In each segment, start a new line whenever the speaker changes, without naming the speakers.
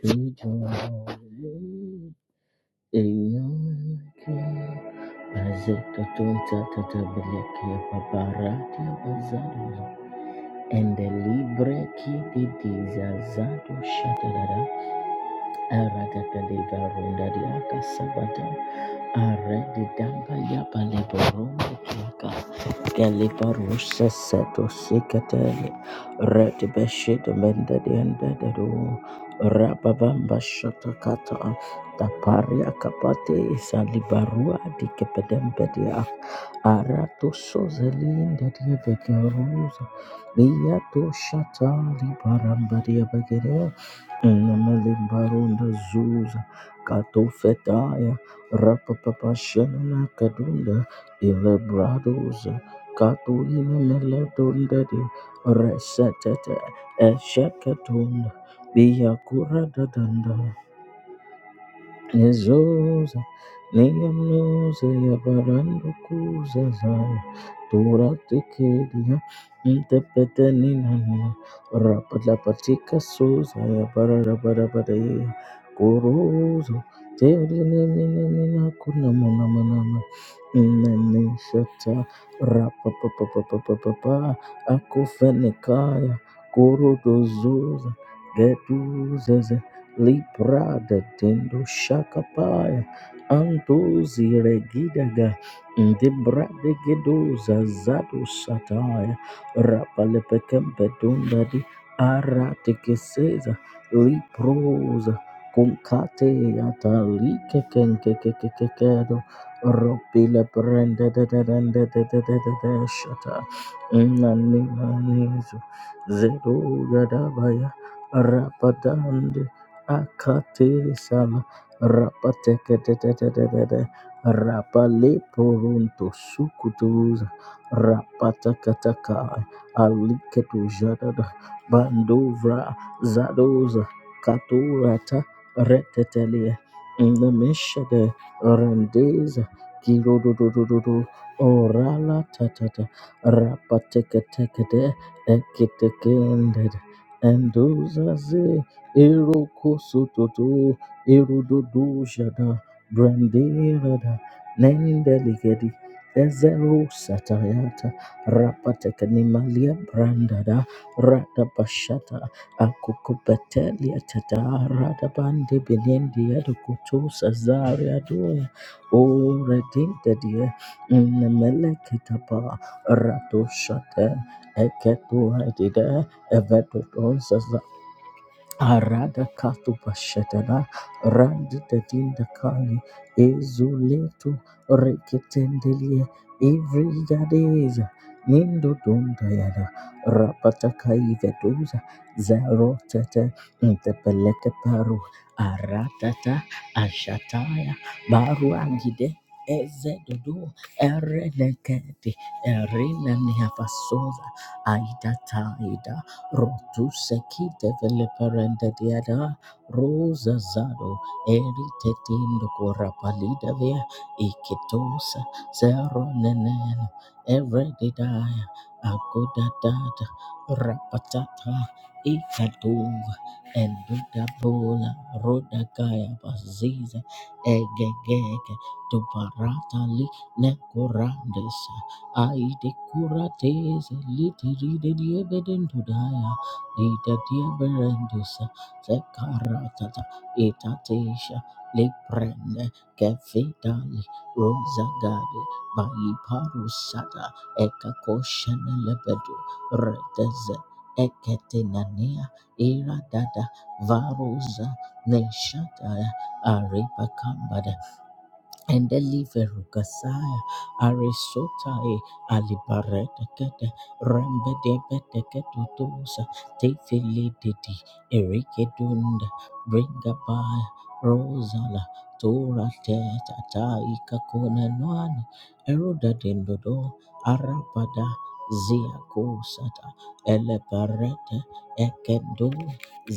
And the libre qui di disazado shatarara arada peleva ronda di aka sabata arada damba ya pale boronda Galibarush seto sikateli red beshit mende diende dedu rababamba shatakata taparia kapate salibarua dikepedembedia aratu sozelinde dievegeruza liyato shata libarambadia begere namalimbarunda zuza katofetaya rapapapashanana kadunda ilebraduza Kaduina Meladundadi Resetete esheketunda biya Biakura Dadanda Yezuza niyamuze yabarandukuza zaya tura tikedia ntepete ninania rapatlapatika suza yabarabarabaraya kuruza terinininina kunamunamanama neneshata rapapapapapapa akufenikaya kuruduzuza geduzeze Libra de tendo shakapaya. Antuzi regidaga. Debra de gedoza zadu sataya. Rapalepekempe dundadi. Arate keseza. Liproza. Kunkate yata like kenke kekekekedo. Ropile prende de de de de de de de de de shata. Nani manizo. Zeru gadabaya. Rapadande akate sana rapate kete ketetetetetete rapale porunto sukutuza rapata kataka aliketu jadada bandovra zadoza katurata retetelia nemeshade rendeza kirododododo orala tatata rapateketekete eketekendede endozaze Eroko sototo, erododo jada, branderada, nendeligedi, ezero satayata, rapatekanimalia brandada, radabashata, akokopetelia tata, radabande benendi edokoto sazaria doya, o redindadia, nemelekitapa, radoshata, eketo redida, evedoton Arada katu pashetana randu tetinda kali ezuletu reketendelie evrigadeza nindo donda yada rapata kai vetuza veduza tete ntepeleke paru aratata ashataya baru baruangide ezedudu ereneketi erinanihapasoza aida. Rotu seki developeranda diada rosa zado eri tetindo kora palida via ikitosa zero neneno Every day didaya agodadada rapatata ikaduva endudabola rodagaya baziza egegege dubarata li Ai de curates, litiri de diebedendudaya, ida dieberendusa, secaratata, etatesha, leprene, kefetali, rosagade, baiparusata, ekakoshene lebedu, reteze, eketenania, iradada, varuza, neshata, arepakambada, and deliveru gasaya arisotae alibaredekede rembedebedekedudusa tefelededi erekedunda bringabaya rosala tora Teta Taika kona tetataikakonenwani erudadendodo arabada ziakusata elebarede ekendo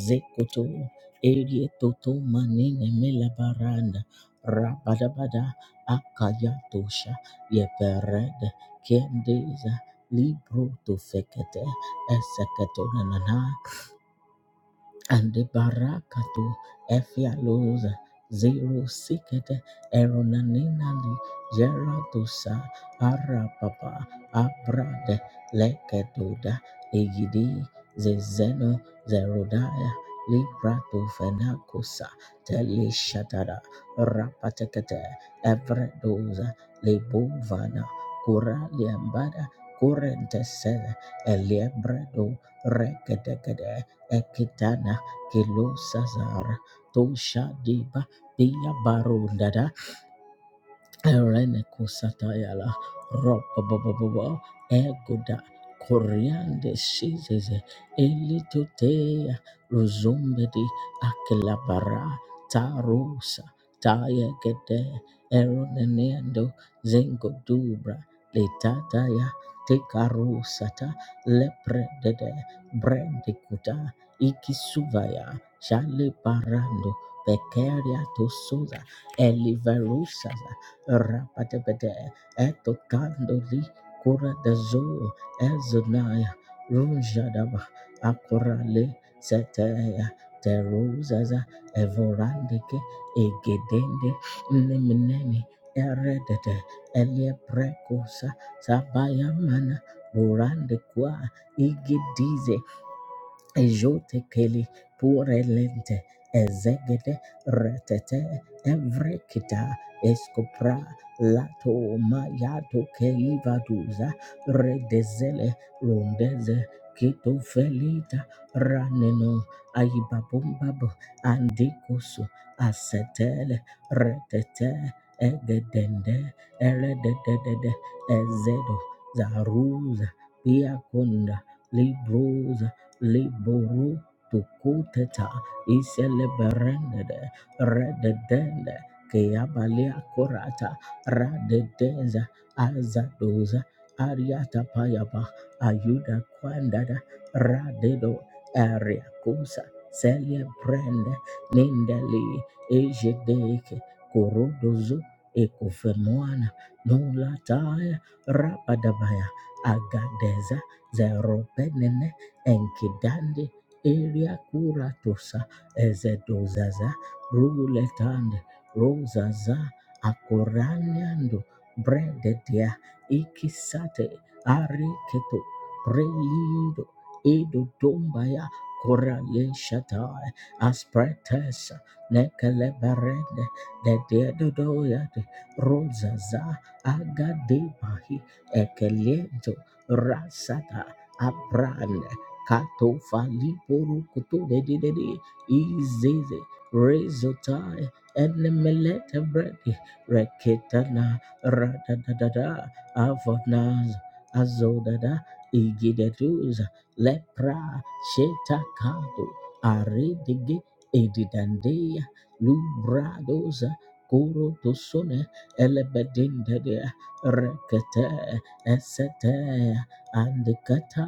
zekutu elietotomanine melabaranda Rabadabada Akayatosha Yepered Kendiza Libro to Fekete Eseketonana and the barakato efialos zero sicket eronanenali geratosa arapapa abrade lekedoda egidi zezeno zerodaya librato fenacosa telishatara rapatekete evredoza lebovana cura liambada corrente sede eliebredo rekedekede ekitana Kilo Sazar, Tosha Deba, Bia Baro Renekusatayala Robobobobo Egoda Coriande Sizes Elitotea Ruzumbedi Akilabara Tarusa Taya Tayegede Eronenendo Zengodubra Letataya Tekarusata Lepredede Brendikuta Ikisuvaya Shale Parando Pekeria Tosuza Eliverusa Rapatapata etokandoli kura dazo ezunaya runjadaba akurale setaya teruzaza evorandike egedende nemineni eredete elieprekusa sabayamana burandekwa igidize Jote keli purelente ezegede retete evrekita escopra lato mayato keivaduza redezele rondeze kito felita raneno aibabumbabo andikusu asetele retete egedende erededede ezedo zaruza biakunda Liburu tukuteta iseleberende rededende keabalia kurata radedeza azadoza ariata payaba ayuda kwandada radedo ariakusa celebrende nindeli ejedeke korodozo ekufemwana nulataya rabadabaya agadeza Zeropenene Enkidande Eria Kuratosa Ezedozaza Bruletande Rozaza, Akoraniando Brededia Ikisate Ariketo Preido Edo Dombaya Korale Shatai Aspretesa Nekeleberende Rozaza, Rosaza Agadebahi Ekeliento Rasata Abrande Kato fali poru kutu de de de de. Izeze rezotai enemelete bredi reketana radadadada avonaz azodada igideduza lepra shetakado aredege edidandeya lubradoza koro tosone elebedindede rekete esete andekata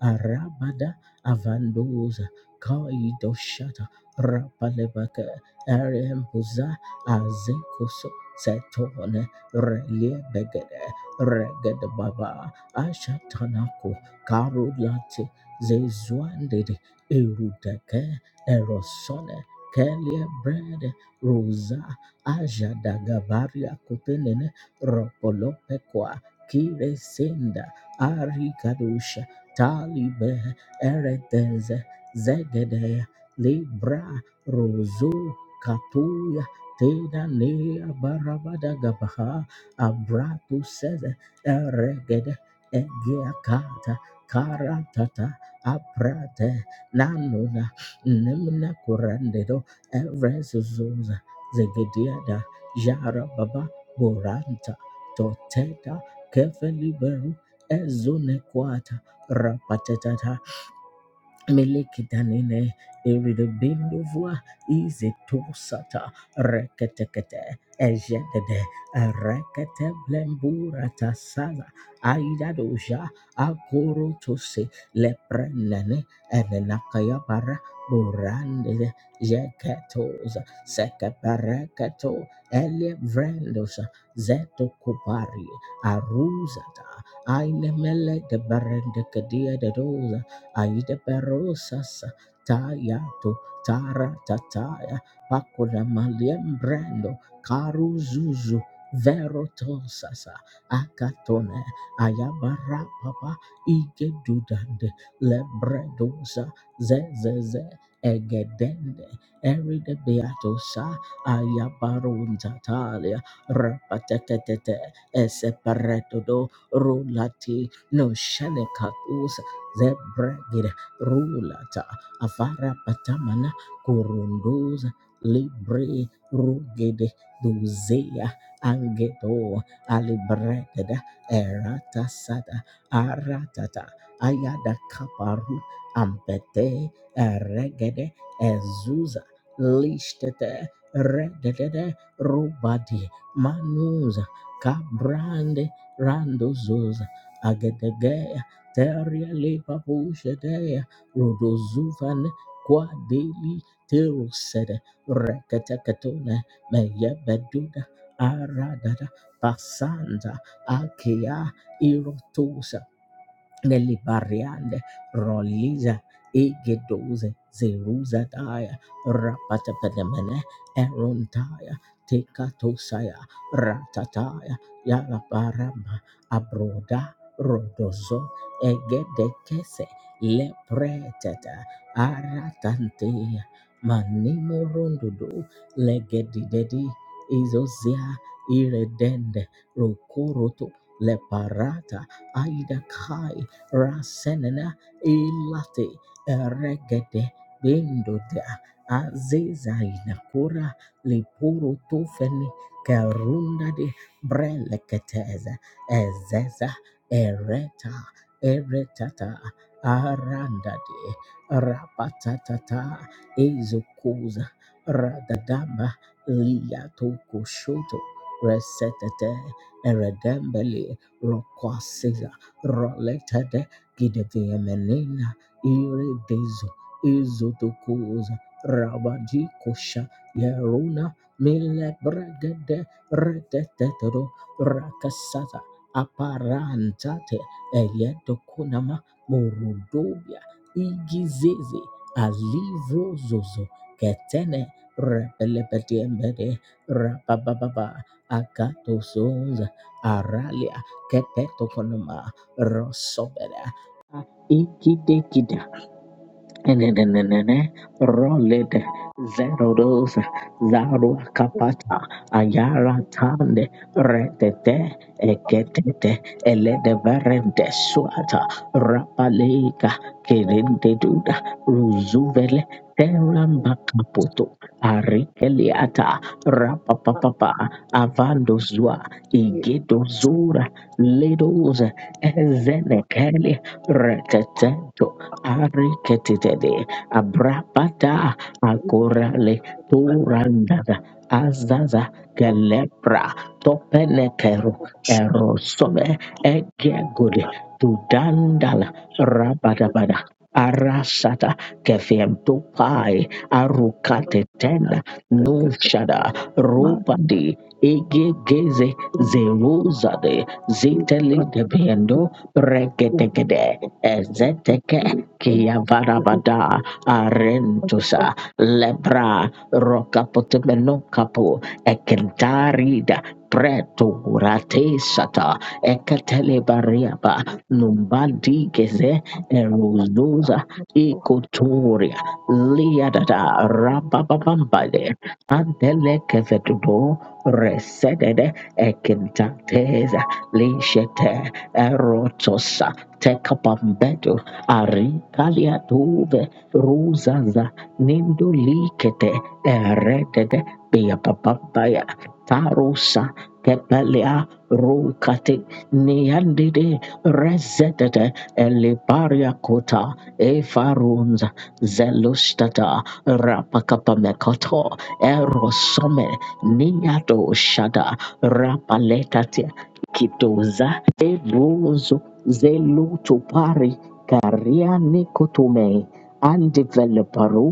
Arabada Avanduza Kaidoshata Rapalebaka Arembuza Azekuso Setone Reliebegede Regede Baba Ashatanako Karulati Zezuandede Erudeke Erosone Kelie Bread Rosa aja Ajadagabaria Kupenene Ropolopekwa Kiresenda Ari Talibe Eretez Zegede Libra Rozo Katuya Teda Lea Barabada Gabaha Abratu Sez Eregede Egeakata Karatata Aprate Nanuna Nemna Kurandedo Erezuzuza Zegediada Jara Baba Boranta Toteta Kefeliberu Ezune Rapatata Melekitanine Iridobinduvua Izitosata Reketekete Ejedede Rekete Blemburata Sala Aidadoja Akoro tose Leprenene Enenakayabara Burande Jeketosa ele Elevrendosa Zeto Kupari Aruzata Ainemele de Barendekadia de doza. Aida Berosas Tayato Tara Tataya Pakula Malian Brando Karu Zuzu Verotosasa Akatone Ayabara Papa Ike Dudande Lebredosa Zezeze Egedende Eride Beatosa Ayabarun Tatalia Rapatetete Eseparetodo Rulati No shenekatus zebregid rulata avara patamana kurunduza libre rugede duzea angedo alibrededa erata sada aratata ayada kaparu ampete eregede ezuza lishtete Redede rubadi manuza kabrande randozoza agedege Teria lepa pushedea rodozufan kwa deli terusede reketeketone meyebeduda aradada basanda akea irotusa Nelly Bariande, Roliza, Egedoze, Zeruza Daya, Rapatapadamene, Erontaya, Tekatosaya, Ratataya, Yalaparama, Abroda, Rodozo, Egedekese, Lepreteta, Aratantea, Manimo Rondodo, Legedidedi, Izozia, Iredende, Rokoroto, Leparata, Aida Kai, Rasenena Ilate Eregede Bindota Aziza Inakura Lipuru Tufeni Karunda de Breleketeza Ezeza Ereta Eretata Aranda de Rapatata Ezukuza Radadamba Liato Koshoto Resetete Eredembele Rokwasiza roletete kidekeemenena iredezo izotokoza rabajikosha yeruna milebregede retetetero rakasata aparantate eyetokonama morodobia igizeze alivrozozo ketene repelepetiembede rabababa akatosonza aralia kepeto rosobera ikidekida Nenenenene, Rolid Zerodos Zarua Kapata Ayara Tande Retete Eketete Elede Verende Suata Rapaleka Kerende Duda Ruzuvele Teramba Kaputo Arikeliata
update
Rapapapa Avando Zua Igedo Zura Ledos
from
Ezenekele
on
Retete Ariketitede, Abrapata,
page
Akorale,
but then the
Turandada, Azaza, Gelepra, Topenekero, Erosome, Egegode, Tudandala,
public
Rabadabada, Arasata, Kefiem Tupai,
shows
Arukate
not that
Tenda,
the ticket
Nushada, Rupadi, Egegeze,
marketing
Zeruzade,
is
Ziteli
not
debiendo, Biendo,
in
Regetekede,
for the
Ezeteke,
reason that
Kia
the
varabada arentusa
option
lebra rokapotemenokapo ekentarida preto rate sata ekatelebariaba
is an
numbadi geze
unpatched
eruzuza
document for
ikotoria liadada
hundred
rabababambade antelekevetudo resedede ekentateza lishete erotosa tekapambedu. Arikalia dove ruzaza nindo likete eretete beapapapaya tarusa tepelea rukate neandide rezetete elibaria kota efarunza zelustata rapakapamekoto erosome niado shada rapaletate kitoza Ebruzo zelu chopari kariani kotume andeveloperu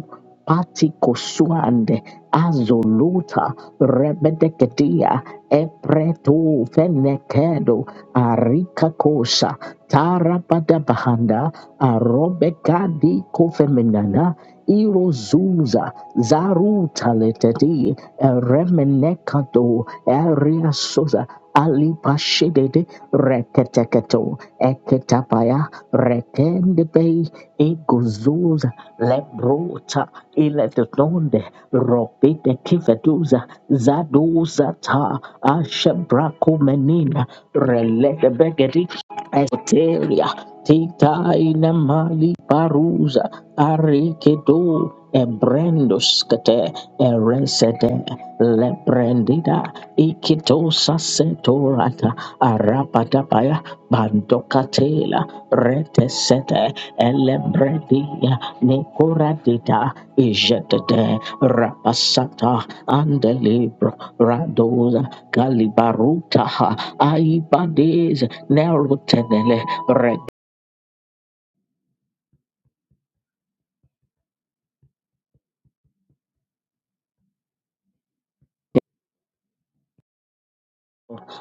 pati kosuande azoluta rebedekedia epretu fenekedo arika kosa tarapada bahanda arobekadi kofeminana irozuza zarutaletedi eremenekado ariasoza alipashedede reketeketo eketapaya rekendebei iguzuza lebruta iletetonde ropite kifetuza zaduza ta ashebrakumenina reletebeketi esoteria titaina mali paruza arikedo ebrendoskete eresede lebrendida ikitosa Arapadabaya Bandokatela Retesete Elebredia Nekoradita Ijetede Rapasata Andelibro Radoza Galibaruta Aibades Nerutenele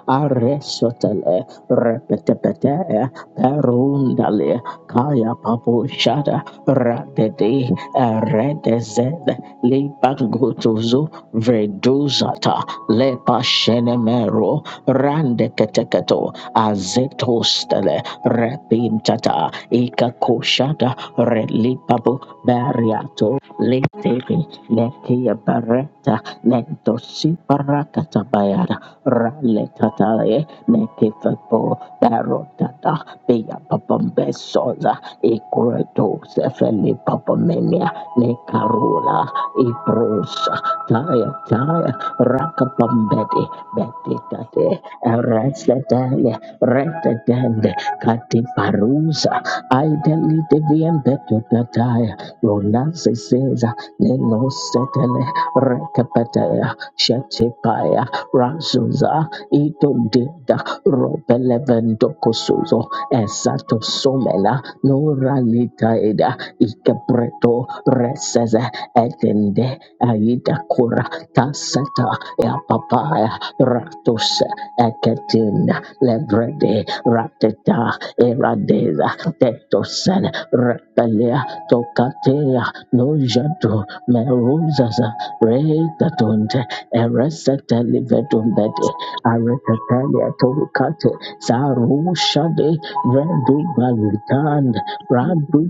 Aresotele Repetepete Perundale Kaya Papo Shada Radede Eredezed Libagotozo Verduzata Lepa Shenemero Randeketeketo Azetostele Repintata Ikakoshada Relipapo Bariato Letevi Nekia Bareta Nentosiparakatabaya rale katale nekifepo barotata beya papambesoza ikreto sefeli papamenia nekarula ibrosa taya taya rakapambedi betitate eresetele retetende katiparuza aideli deviembetutataya ronasiseza nenosetele rekapetaya shetipaya Razunza Ido Deda Robelevendo Kosuzo Esato Somela Nora Litaeda Ikebreto Reseze Edende Aida Kura Taseta Ya Papaya Ratus Eketina Levrede Rateta Eradeza Tetosen Repelia Tokatea Nojatu Meruzaza Retatonte Eresete livedumbede. Aretetelia torukate. Sarushade Redu Balutan Radu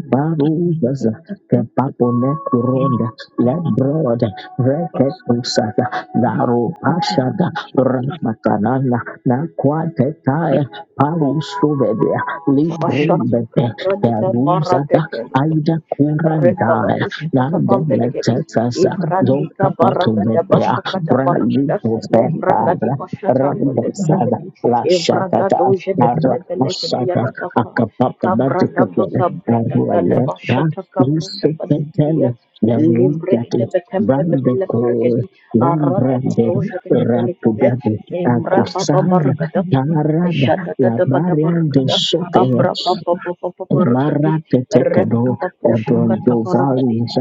and ninety
Baruzaza Kepapone
eight
Kuronda
and
Lebrod
plus
Reketusada Daru
the
Pashada
information and
Rakatanana Nakwatetaya Parusuvedia
the hundred
Mashata
Librumbete
and eight
Kabranta
Peruzada
Maradekelebi,
Aida Kurandana
and
Rekabadushikata
Nade
Bambelegebi,
Letesasa
the hundred
Ivratika Baragada
Zokapatumepea
and
Bashakata
Rally
Baragada,
for
Prophet
the but
Lebragati
Father,
Bashata and the
Randa
not
Sada,
Letaragadi,
La
Ivrada
Shatata,
Doja de
Ara
even
Telegadia
Masada,
de
structure
Baka,
Akapapa
Kabrata
Matikata,
Baka
and
Brada Gada
function
Arualeta,
Bashata Kabranda
in
Badibia.
Isupetele,
structure.
Librek de
Lerundati,
Betem de
Brandeko,
Belegadi, Arada
Landrade,
This
Doja de
not
Belegade,
Rapudade,
even have
Imbra
a
Akosara,
Baba
Tarada,
proper
La Baria de
Jadadadabadabarakada,
Sote,
Thank
abrababababababarakadi,
Maratetekado, Ebrondo
rebababoshakatabarakadi,
Valleys,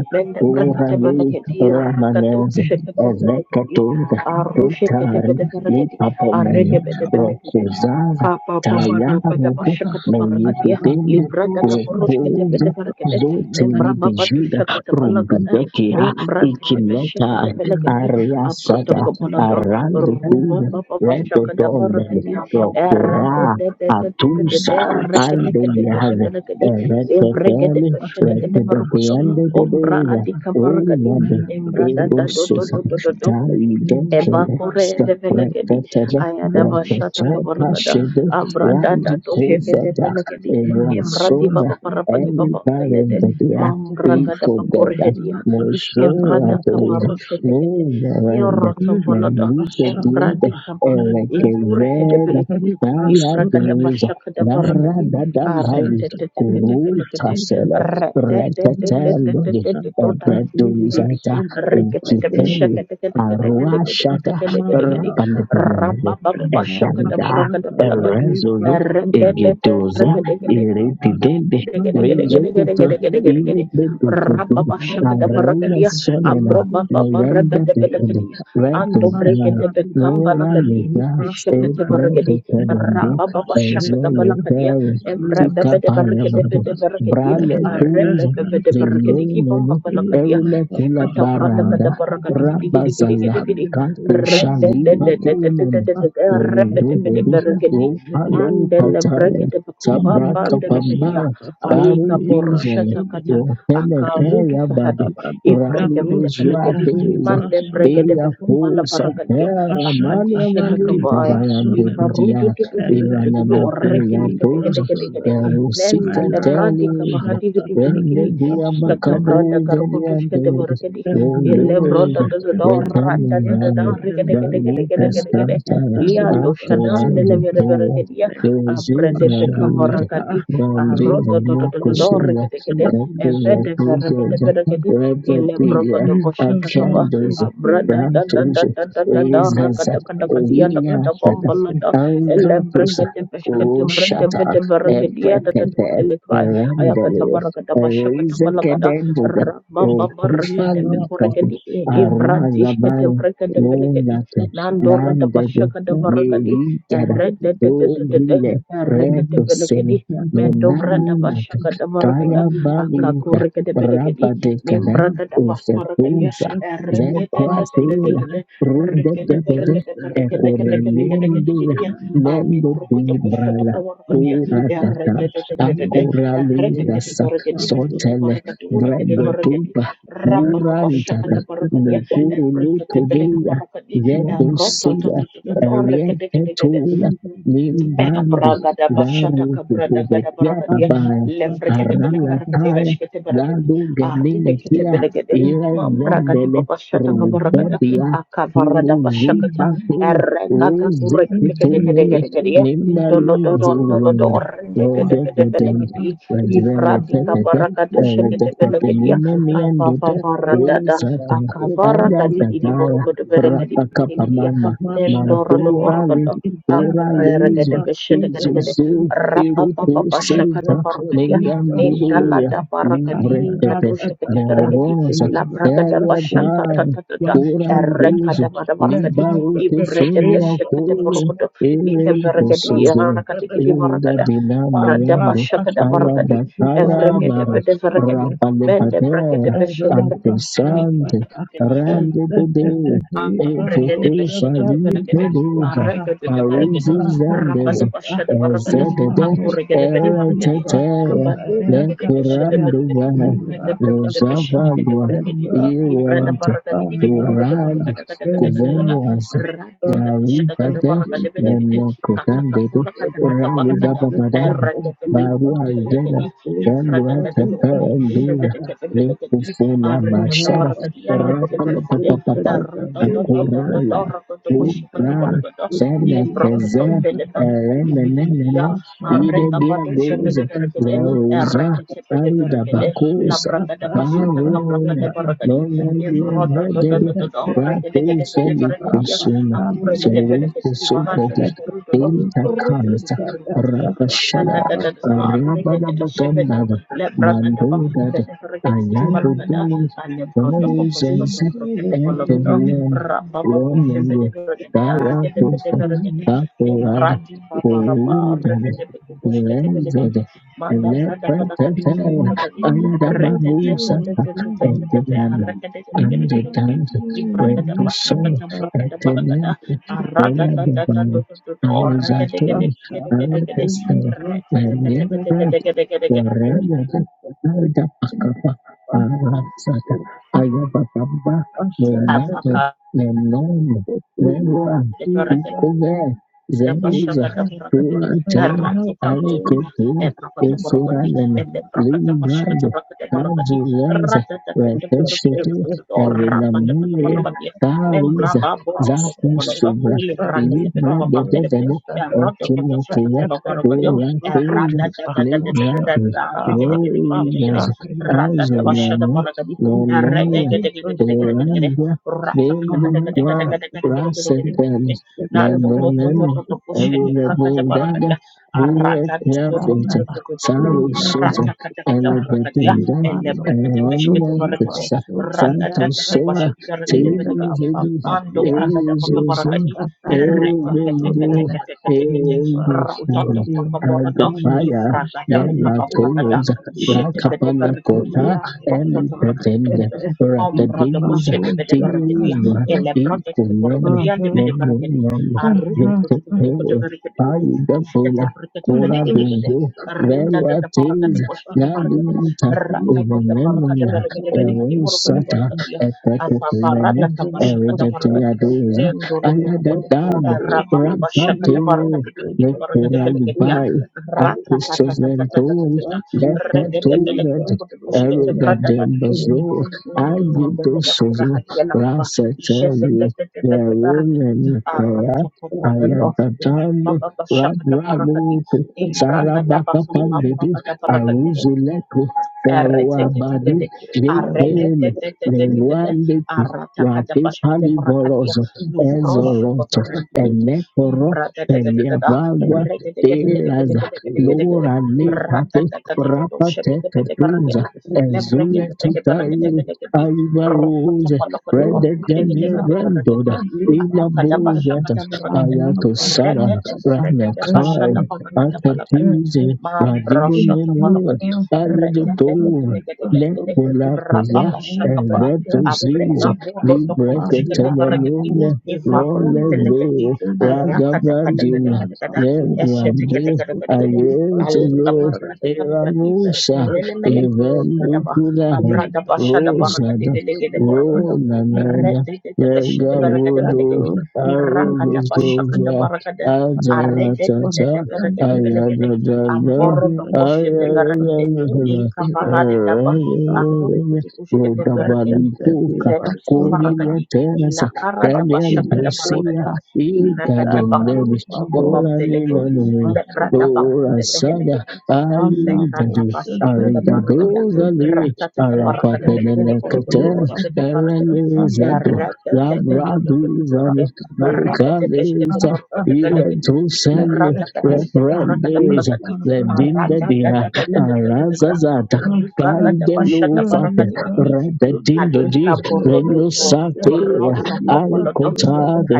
Urali
mendebreketebelegedi,
Ramanez,
rakadoshekatebelekedi,
Evekatunda, Tutari,
arushekatebelekerakedi,
Lipapomen,
aregebedebelegede,
Rokuzaza,
Kapa papa rapa da
Tayarude,
bashakata barakadiya
Meyutende,
libra da kapurush kete
Rokuza,
bede barakade
Doti
braba batu
Libijida,
shakata balagada
Rumbidekia,
me brakete
Ikileta,
beshakata balagadi aproto
Ariasada,
kabalado ruba
Arandukuda,
papa bashakata
Redotonda,
barakadi erre
Rokura,
de de de de de de de
Atusa,
de rekete kete bede
Aldeliaze,
balagadi evregete
Erectophilis,
beshakata barakodo ombra
Rectophiandididida,
adika barakadi
Roland,
embra da da do do do
Erosusan,
do do
Daidokele,
Ebakure de
you.
Velegedi,
Rectophilia,
Ayadaba
Mana
Shata Kavaragada,
kadosha
Rectopashid,
kasidi
Abradada
Randy
Doshekete
masuna
Kofeta,
Velegedi,
mana
Imradi
papa
Erasova,
Baba Parapadi
kasidi
Baba
everybody in
Velede,
the dia,
papa
Mambragada
Ecobeda,
mana
Bakurhedia,
pasha
Ishke
na
Mosora,
Prada
lokota
Kabarushetekete,
Norand,
mana
Kirotambalada,
Melita
pasha
Diada,
Embradi
tata
Kaba,
mana
Ikurhe de
papa
Erekeveda,
hari
Velegedi,
Naya
pasuna
Librakada
ne
Diza,
Bashaka de
enhi
Barakadi,
Narada
kisat
Arete Tete Tete Tete
Guru
Tete,
pasuna
Tasela,
Rete Tete
mana
Tete
Reteteluni,
pasha
Tete
tata
Tete
Ebreduzata,
pasuna ne enhi
Ukiteli, Arua
papa
Shata,
mana
Riketeketekeshekete-ketekete-ketekete-ketekete-kete.
papa
Rapanapanamele, Etanda,
Rababababashakata-brakata-balakadi.
Erezulu, Egedoza, Irididende, Rezokuta,
Gede-gede-gede-gede-gede-gede-gede-gede-gede.
Ilibedukutu, Arela
Rababashakadabarakadia.
Solena, Nayanda
Thank
Depende,
Abrobababarebedebelekadia.
Redudai, Nora
Andobregedebekambalakaldi.
Leda,
Ishakatebarakadi.
Ebredetevendu,
Rabababashakadabalakadia.
Ezolete Tukaparabado,
Emrebebedeberekedebedebelekadia.
Brale Tuzo, Lenoneno,
Arebebebedeberekedikibambabalakadia.
Mera
Erune Kula Baranda, Rabazaza,
Shkatavradakadabarakadigidigidigidigidi.
Kato Shaliva Kunan,
Rededededededededede.
Rogobi,
Rebedebedeberekedi.
Ropale
Andele
Pataya,
brekete bakumbamba
Sabraka Pamaya, Baru
Aiga
Diesel,
boroshata kata
Rohene
akarudu
Kaya bado,
fahadi ivrege
Rali de
vede velegedi
Zuateza,
mande bregede
Eya
bekumbala
Kosa
varagadia
Terra,
Pasha
Mania
akandishata
Malita
kabaya
Bayande Dia,
likarudu tututututututu
Irana
oreke
Kuya Tuzo.
kikadekadekadekade nende
Usikatale
lebradi kavahadi vidi vidi
wende
Tatali
gidi
via
kata
Basonen
brada
makabuze vya makaburi
karukutu
ya
shkete
mbele
borogedi
wewe
lebroda dadada
wetani
orada dadada
nawe balipo
orikadekadekadekadekadekade
santa
liado shadan nele
aporazi
vere
pia
veregedia abrede
ezina biza
bekavarakadi
bambiza
Roto to to to to do
mokushila
ricketekede,
epona
evede verrecede
tuzoza
verrecede,
weza
ile
pia
broco de boshatakaba,
akandoza
brada da da da
pratuzo
da da da da,
wezaza
racadacadacadia da
linya tata
cadabombalada,
auza
ele
tusa
brecade bescate, brede
ushata
vede verrecadia da da
eprekete
dundelicai,
erendele
ayacatabaracada bashakatabalacada,
erizekedenduda
rababa recade
okufalikate
becorecadi,
arwazabai
ivradishkete brecade belecadi,
lunate
nandora da
landede
Thank you.
bashakadabaracadi,
gerigada
Thank
red
you.
de de de
dovile
de de
retosele
de, Mendo branda basha
nonaminate
kada barakada
kayabalita
akakure kada berekadi
rabadekada
nimbra kada barakadi
efetuza
erete te te te te te
zekwatela
te te rikete
rudededede
berekada berekada kada kada kada kada
ekorenendela
gidi ya ali
nendo
broku te basha
di
to kawar kadi ya
Kura tata,
erete te te te te te
pakura
erete kada
lintasa,
berekadi bidi kidi
sortele,
barakadi una kada
brede
berekadi
pupa,
rapa to basha
burantata,
kada barakadi ya
nukuru
erete te beleka
lutuvira,
barakadi eroto to
yetusira,
to to to to rekada kada
erietula, limbrandi,
Ragada
zaru
Bashata Cabrada Gada
tukuvekia
Baragadia,
papaya,
Levragada
arala
Belacaragade
taya,
Rashkete Baragadi,
zadu gemile
Arindekete
kia,
Belegade,
Thank
ile
Mambragadi
zembele,
Babashata Cabaragada,
rutebia, hiru
Akabarada Bashakata,
zupatini,
Eragaga
ruzikitunumi,
Gurekadegade, Indolodon
Nimbaliburun,
Dolodor,
you.
Indegade
Robegadem,
Thank
Belegadi, Ivradi
Razveletetete,
Cabaragado Shakete
Eretetete,
Belegadia,
Nimemiandote,
Avavaradada,
Risata,
Akavara Gadi
Ayatataya,
Morocco de Belegadi,
Rapakapamama, Mapurali,
Nendoradoborgada aku fere gede
Uralizu,
beshede gede gede
Izuzu,
rapa papa pasha
Irutusita,
kata paru kadia ninda
Ninganduduya,
lada Akuvergede beshedegedegede rapapapa shakata parakadia nindalada parakadi
Libretete,
kadoshakete beregedi
Verosa,
labragada bashata
Eliabai,
tatatata
Urandizu,
erekada bada barakadi ibrede
Libarutusenia,
beshakate borokodo likeberegedi
Imposuze,
rakati kidi
you.
iuda
barakada brada
dinamiando,
bashakada barakadi evregede
ayabatayabara,
bede veregedi mende bregede
rapalepatea,
beshedegede
ancresante, rande pede,
Regede
evotufa
beshete tebelegede,
vipeduza,
regede tebelegede,
parisis vendes,
rabada bashada baragada,
ezedede,
kaku regede bede maragede,
eretetea,
abadu regede beshete
leperanduva,
belegede, mende brekede beshete gede
usavandua,
maragede, librada
iuante,
baragade gede burugade
turad,
baragada gada gada gada gada,
Thank
cuvenuas,
Thank
radada bashada gada baragade belegede,
Nemo
kaka
Kusandedo,
kaku rakada kata
Ralu
baragada,
Babadam,
regede tete
Baru Azena,
belegede, librada
Yanua
gada do,
Tata
jede
Ondura,
tete belegede,
Lekufuna
arida
Mashara,
kabaragade yande
Rapala
gede
Papa,
Lebron
Akurala, Upra, Sena Keze, Erenenene, Ide Diagoze, Veruza, Aida Bakusa, Haruna, Nona Dia Vegedu, Ratu Selikusuna.
you.
Sirene Sobobi,
Asha,
Eita Kanta, Ratashada, Ariabanabagandava,
and the
Mandodad,
Bakugan, the Regedi City
Ayabudu,
Palacada, Alle brota pokos
Moses,
kotum broketo bologodo
Antonin,
rabba babu shebe
Ronan,
de brote de de arreke de bede
Diatofa,
berege de lim
Apurad,
brandi baba rabba
Poludad,
arreke de bede boshke te belege
Blended,
di manda brada kala kadi
Leprechaun,
kubura kadi rete te te
Ayadabarusa,
te te te te te te te
Etiman,
arreke de de de de de de
Andidant,
li brote de pasha
Rentosol,
kata brokete balagada
Etiman.
arada
Ela
ta
de
ta ta to
banho,
to to to arreke de
aleijado,
de de de de de de de
aleijado,
rete te te te te te te te te te te te
Waremeza naida akapa arasata ayabababa nenato nenono
Kulia
newa
de bero de
ikuge
ibada
zeruza
Dabashaka Dabaragadi,
tuate
Radika Bond,
aliketu
Epapata Borogadi,
efuranene
and then Braka Dabashaka
limbrado
Tabakata Borogadi,
tajulenze
Ratata
reteshete
or Rapata
erunamuya
Borogadi, then
tariza
Braba Borota Bolodo,
zakusubra
Librata de Papa Belebre,
libregedezene
and Roto
ekimokiya
Potosokotolo Borogado,
turateza
Radata
Libratus
Rikede,
Glorias
Ratata Bashada
Azuliana
Borogadi,
Gloria
Redegade,
Oranda Bendictua
Ratata
Racetelis
Nanto to to to
Lenomeno
to to
Thank
pushete prakata
you.
Eurobundaga
barakadia. Arata to to to to
Virepiafita
Shanaba,
to to to to.
Eleleta,
Sarususa
Rata kata kata barakadia.
Elebetenda
Elle
Imano,
brekete peshkete
Eronia
Kotoki,
barakade.
Crissa
Basota,
Randa ta
Santos
ta ta
Yakata,
Soa
pashete barakete
fili
Ebera,
belakadia.
Vidi
Mando
Papabia,
brakata paka
Euzuzu
barakadi.
Ekakata,
Erete kete
Eubindu
kete
Lepasonene,
kete kete kete.
Emba,
Eubindu
Rata to
Kotolia,
paka borado.
Adopaya
Ifrakata
Pastale,
paka
Kota,
bambanada.
Yelatos,
Ishete bede barakadi.
Rakapanekota,
Lepasotolia,
Arata to kete kete
Emipetende,
kete.
Emarakete,
Ombrado
Rakadiz,
poshete bede
Iparosa,
barakadia.
Tizwa,
Taliba,
Ele brakete
Ikunen,
barakadi. Ande
Aha,
bede
Nenu,
barakadia
Nenu,
aru
Aha,
betul betul
Vitete,
baru Arube kutu buruku dengan raja kutu. Iskete
Ayudapula,
berkete
Kula
pedeke deke de.
Thank
Dunzu, Vera
Rakete te
Tiz,
parakete poskete parakete.
Navita,
Rakete te parakete
Uvanenona,
berekete bedeke di baru de
Erosata,
berekete ya. Afafara
Epetuani,
da kabashaka da barakati.
Eridatiadoza,
Nendolo buruku de.
Ayadadano,
Rama kabashaka
Rampate,
da barakati kedi kedi barakete beleke dia.
Nikuralibai, Akuseventuri
Rakatatatatatatatatatata. Regede beleke
lepetuvet
buruku de poskete berada tadi kedi
erugadembazo
kedi. Hmm, beleke
agidusuzo
kurahadi ya lakaba. Iskete
raseteli
te te te te te barakete
verunenikea
of
ayadatando
Baba Shakata Barakadi,
rabralutu
Imbrakata Bakam
sarabakapandedu
Bamba
aruzuleku feruabadi
Erreteketekede,
lekele
arretetetetetetete,
lewandeki
aratakadabashkatebrakadiya,
ratipalivorozo ezoroto
you.
luvroshkofahandikidi,
enekoro
imbrateteteteteta,
peliavagwa
reteteketeketeketeketeketekede,
Lora Nekate Rapate Katunza
ratatatatatatoshebedebedebrakede,
Ezule Tutai
lebreketeteketeketeketekedi,
Aivarose
rokotobolokode,
Redegania Brandoda
orrideketeketeketekedi,
Ila Bozata
amakadabashakadabrakede,
Ayato Sana Ragna Kai
retetetetetetebashadabarakadabalakada,
Akatize Radibo Nemu
mambroshotobolokode,
Ayedotor
Rekedegedegedegedegede.
Nekula Pesa
Rababashakaba.
Eleto
Abrema
Ziza
borodokobushkete
Mariana
barakedi.
Libreketamania Role
Ivakum telekedi.
Ro
Lebehusutulia
Ragabadina
imana
Ayakadakadakadakadakada.
kupa
Neguade
Eshetekedekadakadakada.
husutulipa
Ayetuyo
sulaya
Alkabarakadarakarakadi.
Eranusa
Lebehusutulipa
Menemenekuondadaba.
Evanukulaha
Abradabashadabarakadi
Rosada
belegede barakada.
sulaya
Ronanana Mega Rudolf
Redededebeshedebaragadebelekedi. Rakata
Lekatosatalipa
Bashaka the
Arugosoja
Baragade, Arede the
Adaratata
pashandele
Belegade,
Ayadadada
Amboro the
Ina
Boshe de
kupa
barakade
Ayadadada
Lika mahari
Kurama
taba
pashandele
akuru kutukushkete berekedi
Rodabalikuka
vetuku
Lekatelipa
Kuria
varakadi
Terasa
ilakara daba
Dalian
shaka
Ashele
daba
Dosia
rakadi
kota
iveka daba
izata
kuru
Inkadonevis
daba
lubaro toto
Olanina
bambelekedi
libaso
lebra daba
daya.
kumbebe
Orasada
helekedi
Ala
iveka
aridade
daba
boshe
shaka
te
daba rakada
libaso dene.
arigadozale
ratata daba rakada
Ezete
belekede
te
boruko
arapatenenekete
daba
libaso
shkete barakadi
te
ya
erelezado
libaso
rakata tata
dene.
tata tata
labraduzane
tata
Rakadada
rekede beshkete
lokaleza
boruko
ata
daba lekedi
ashele
iretosele
vrada kade shkete
kota
brakada
reprendeza
belekedi
izata toto
ledindedia
libaso
Aradadadadadadadadada.
arazazata kaidelufate
dene.
Rugagadabashadabarakadikiti.
rededindodi
Erete
Ikadikaborodoto.
sheke
renusatea
to
Orosokobolodo.
libaso dene.
arikotade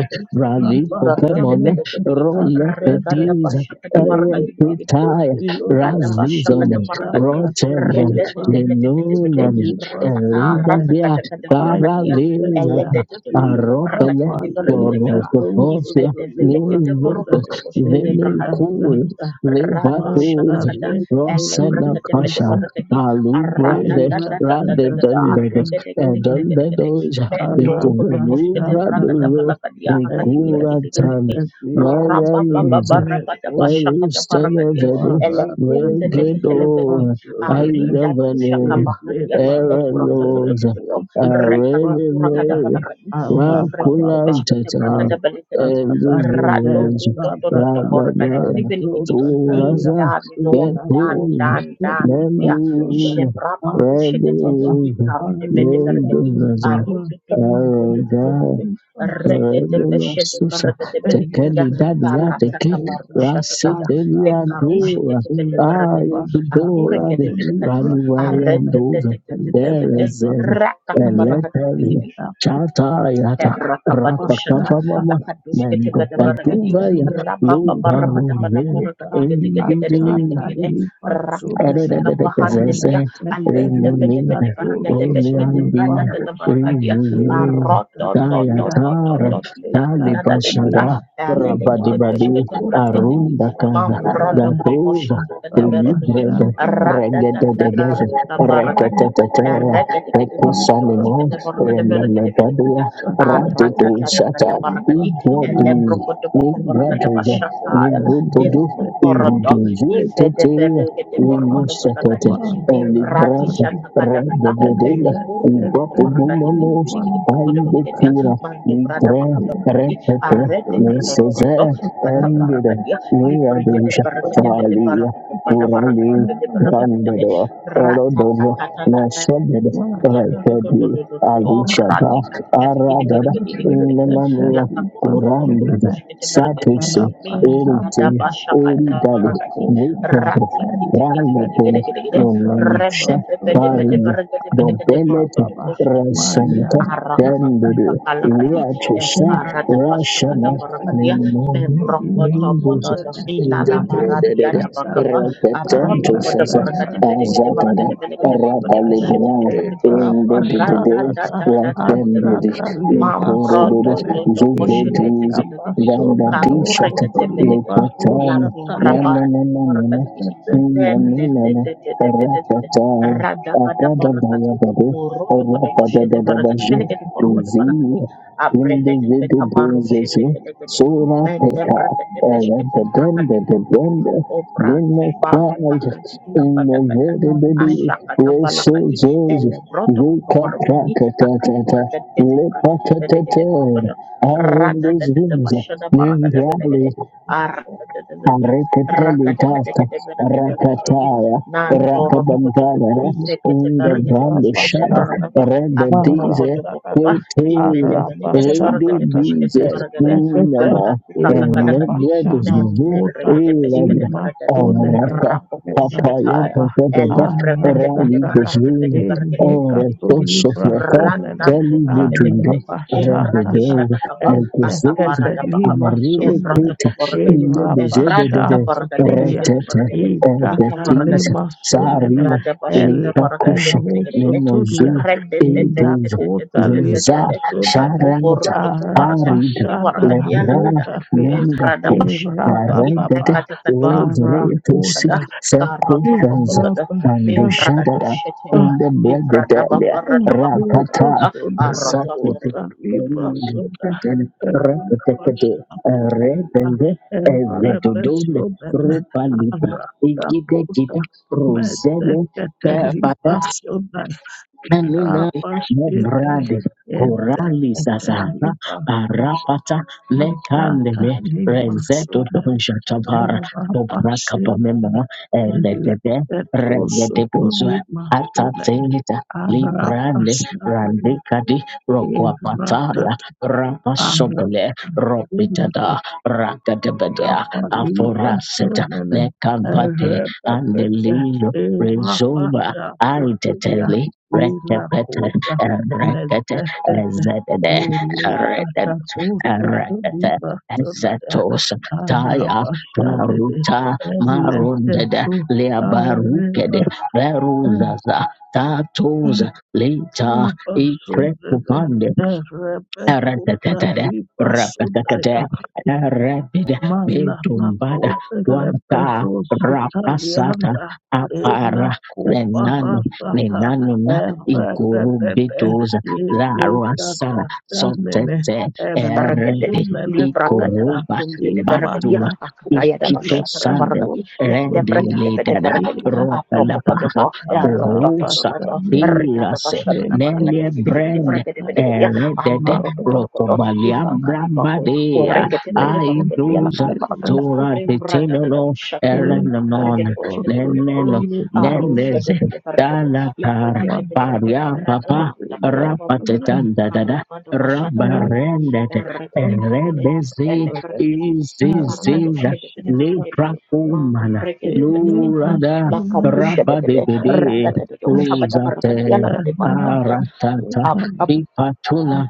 Thank
popemona rolete
Regadabashakadabarakadibidibidi.
Eretitaya, Razizone,
Libradabashakadabarakadi.
Rotelian,
Redededeketeketekete.
Lenunani,
Rataka,
Elidabia,
ratakatakadabarakadia.
Paralizata, Aropele,
Elededededededebarakadikidibarakidebeka.
Porotofia,
Ivedevelekede
Niveto, Venukul,
borogodoboskedebrakadibidibidi. Rado
Levatus,
Shatakada,
Rosena Kasha,
Elebrakadefetebarakadi,
Alubra de Rade
Aradadadadadadada,
Dundados,
Arregedegedegedegede,
Edundadoja, Vikulubra
you
de
Bendorukotokoshketebragadabalakadia,
and let
Vicura
that
Tana,
Rakadigedigedegedegede,
that be one so
Nayan
that it was
Rababababarabadabashakadabarakadia,
Erustanavan,
one up and
Regedo,
be
Elekundelefehelekedi,
one so that
Ayudavanin,
it be
Aridadushakabahadia,
one so that it
Eranos,
Ebrototototototo,
could be one so
Arenime,
that
Rekakakura-kadabalakadi,
I have a
Rakulam
mama
Tatai,
and that
Ifreketebeshketebrakadabalakadi,
that
Rado
Enduzurens,
then that that
Radabaya,
and
Bototototokorakadi,
do that career
Turaza,
Nindandon
in a
dan
more so
Getuz,
dan
to
dan
me
ya
one so that
Nenduz,
I
Jebraba rushekete
Baba
Reduz,
I
ikarde bede
look at
bergedi
the
Nenduzaza,
one
arupi titi titi
and
titi
I
Aranda,
titi
look at so
redete beshede
Susa
bergede bergedi
tekeli
ya
dadi ya
karata
teke
Elemesomekoda
kabarusha tata
raseteli
le
ya
Azatata
dora
karushekete bede
ah
bergedi
yedu
akure
dora de
kete bede kadi
raluwari ya
Irabashakatolibrasomene
arete
dove
tete tete
ere
tete
Elemehatomia
zere
rata kabarakati
eleteli chata
Inakuta
yata rapa
Rakabadoshata,
kapa mama
Pashatata
Lakadush
mendo
Ketabarabaragadi,
paduva ya
Sekataria
Rabba
Ina
lubaru ve
Parabataparagadi,
Makota Ataripa
Rakus
Sumele Erile
Arerererezeze,
Kamahandia, Ale the
Keterika
renunina,
Toso
Peteparagadeshkete,
Tolipa
roneandina,
Mosha
Bradatabaragadia,
Ira
renununa,
Roto, dot, dot,
Tataria
dot, dot,
dayatara,
dot, da,
Ete
da, da, da,
talibashara,
Katolia
da,
Ima
rabadibadi,
Ketebeshkete,
Sokota
Bradletini,
Lipa
arundakaza,
Mam Brodo
Sumele
Kobosha,
datoza,
the
Papa
Beregadi,
delibrede,
Shabele
regededegeze,
Ratatabaragadis.
Ira
reketeteteya,
Rekete kete baru kete bos
rekusanimon,
kete
Masha
baru kete bere kete bele
renelebadua,
arata tata
radidusata,
kata barakadi
igodu,
elebro kote poko barakada
nigwaduza,
bashataya
nigududu,
evro korodo ive de
uruduzueteteya,
vere kete borokodo
Rimosakata,
barakadi evrati
Libranta,
shata kada kada,
Radebedela,
ele kuru kupa barakadi bidi
Ibapobumamos,
bidi bidi borokodo barakadi
Aibekura,
mande brada
Libra,
baka barakadi
Repete,
arete kete toto
Nesoze,
toto kata
Endida,
Aratatatatatabarakadi, elebrokodobokoborakodobashataya,
Niadisha,
evrokorodо, ivedeverekedeborokodobalakadi, pada
Talia,
elekurukubakabarakadi, bidibidigidiborokodobelekedia, mandobradabakabarakadi, aretekedodododo, rata
Kurali,
librikedeberekedebedebarakobopadabarakedebedebarakedebede,
Randador, Erodova,
ratatatatatata.
Nashabed, Rekadi, Alishaba, Aradada, Ilemania, Kurandid,
Mariana
Satusi, Eritin, Eridali, Naked. Grande pena, non mancha, paria, dobelete, rasanta, dandere, liatosa,
Thank
rashama, nemone,
Membro koto bono
ningus,
do hina la baradia
indepredede,
da Abrodo
repetentus,
poda borogade belegede
azatada,
borogade belegede borogade beshete
rapalibran,
kete kete.
indedede,
Rada da da da da da da da.
rapendede, iporodoro,
Mambrodo do do boshete
zuvedis,
belegede. Kakure
dandadishata,
kete belegede.
lepatan,
Labu
na na
rabadi
na na na
borogade
na.
gidi. Den den den
Inanimene,
den den den den den den den.
Rapatai,
Rada kada borogade.
Akadabayabade,
Urodo poda boshete borogade
Rapadadabaji,
belegede borogade balakade.
Dizi,
Abrede de
Individual
bekabaru
Brains,
shete belegede.
Sura
Men debra
Peka,
de brekete beshkete brakadi
Eradadenda de Brenda,
Operasi obra
Vino Quad,
kibaruka hadi kabadakada
Inevitability,
ashaka
Reso
kabalakadi
Zos,
ele broto
Ruka
kokorokodi takakura
Prakatata,
kete brakete belegede
Lipatatata,
borokodo rada
Arindus
tete
Wings,
bashada barakada
Nimbrali,
belegede arada tete
Reketeli
ragada kete
tasta
kete belegede belegedi
rakataya
nandoro tokoto
rapabambara
you.
izekete
unda
barakete
brando
bashkede
shada
Ibabasana
barakadi
renda
apurokoto
dize
bokoba
Maradada
imene
hotel
mene kete
Rede
barakete
Arabasakata
bashkede
dize
barakade
Executive
nama
akaku
no
kakakalakadi
bread is
Irabasana
you
Mende
Kota
brekete
elade
beskete brekete
Imasole
araka
rapokus
papaya
kataya.
Baba
Elle
patada
brekete bete
rali
Aradada
brekete bete
bozuna
brekete bete
ora
bete bete
Inekatulibra
kosofrata
Sunele
kali
rantantum te bete
budunde
embrati
Arabasatata
rende
shatakaba akabara
Executive
da
Lima
Amarile
evrata
Sunele
pete
kabarakadi
lebejede
evrati
de de
kabarakade
Irabasatulia
beskete
retete
brekete lika
Ikata
epetis
Lima
saria
embrada bashkada
lepa
barakade
kusha
gede gede gede gede
nenozu
Eleberusutulia
rende te te te
egezo
te te
inakota
zonza
libasuna
apu
sharanta
borot tuku barakadi
arida
tidi
arabashana
warakadi
lebra
ala
nakota lia
nenda
membrana
pu
bashikaradi
irababa
yaredede
kada kada
lezreto si
kada
barakota
karoto
sekufanza
kobolada
inabashana
membrana
andushadada in
dosheteya
the bread de
livrada
delia
babarada
rapata
bakabarada
Yobasuna
sakete
nakota libasuna
Rakatekate,
irabashana tulia
Rebende, Evedodone,
erebesuna
Rupa Lipa, Igide
arakota
Gida, Rosele,
metekete libasuna
Elena
rapashvili
Mobrade Corali Sazana
yeterivakuse
Arapata
mazata
Lekandele Rezeto
limasumene
Shatabara
erapashvili
Toprakapamema Eledede Regedebezo
iletetusutulimasumene
Atatengita Librande
arapashvili
Randikadi Rokwapataya
izvatata
Rapasobele Ropitada Rakadebedea Aforaseta
kapalipasunene
Lekambate
repetete
Andelilo Rezova
irapasha kotulia
Ariteteli Rekepete,
ilakota
rekete,
mezekete
zedede, rekete, rekete,
ilikatakusutulipasunaya
zetos, taya,
arabashadede
paruta, marundede,
eleketu
liabarukede,
arepasunene
beruzaza, tatoza, lita, Ekrepupande, Aratatatara, rapatakata,
erepekutalipasunaya
arabida,
Mana
betumbada,
makote
wata,
leberoso
rapasata,
talianda ena
apara,
kopa
lenano,
rasata
lenanuna, ikuru
erededede
bituza,
ilikata
laruasana,
shamene
sotete,
Barakade,
eredi,
emasunene
Librakada
kota
ikuruba,
Bakum de Barakadi,
imana
batua,
Akakaya
kote
da
ikito
Bashataka
sande,
Barakadi,
leberoso
rende
tolia
Mendebrakade de
ledada,
Barakadi,
ropa la
Apropo
inakata
paha,
Podopo,
urusa,
Rotototonoto,
anapatamene
Ricata
pirase,
Bashataka
nende
Barakadi,
nelie
Bidi
brand,
Barakade
kunsana
Bedagadia,
eredede,
Andoro de
mama
Bodokoto,
pasha
Rotobaliam
Ifaka di Bako,
Brambadea
Orekate
ezo
de Barakadi,
Aiduza
Lakata
kuntulima
Barakada,
Tora
Membrada da
Tetinono
Bashata
Thank you.
Barakada,
Erenanon
Rekade Bishkate de
Neneno
Barakadi, Arushate
Neneze
de Barakade,
Dalatar
Leprekate Benegade,
Paria Papa
Ratapa, Dapa
Rapatetanda Dada
Dapa Dapa Dapa
Rabarendet
এর রেকেতে কেতে কেতে
Erebezi
এলে ব্রেকেরি ই ফারাতার
Iziziza
উষ্ণতে পেতে ব্রেকেরি মাং
Niprakumana
রেকেতে পেতে কেতে
Lurada
লাকাপুষ্টেতে
Rabadibide
রান্ধাতে তো উষ্ণতা পার করিয়া
Uzate
লাকাতে পার করিয়া
Karatata
আপ আপ
Ipatuna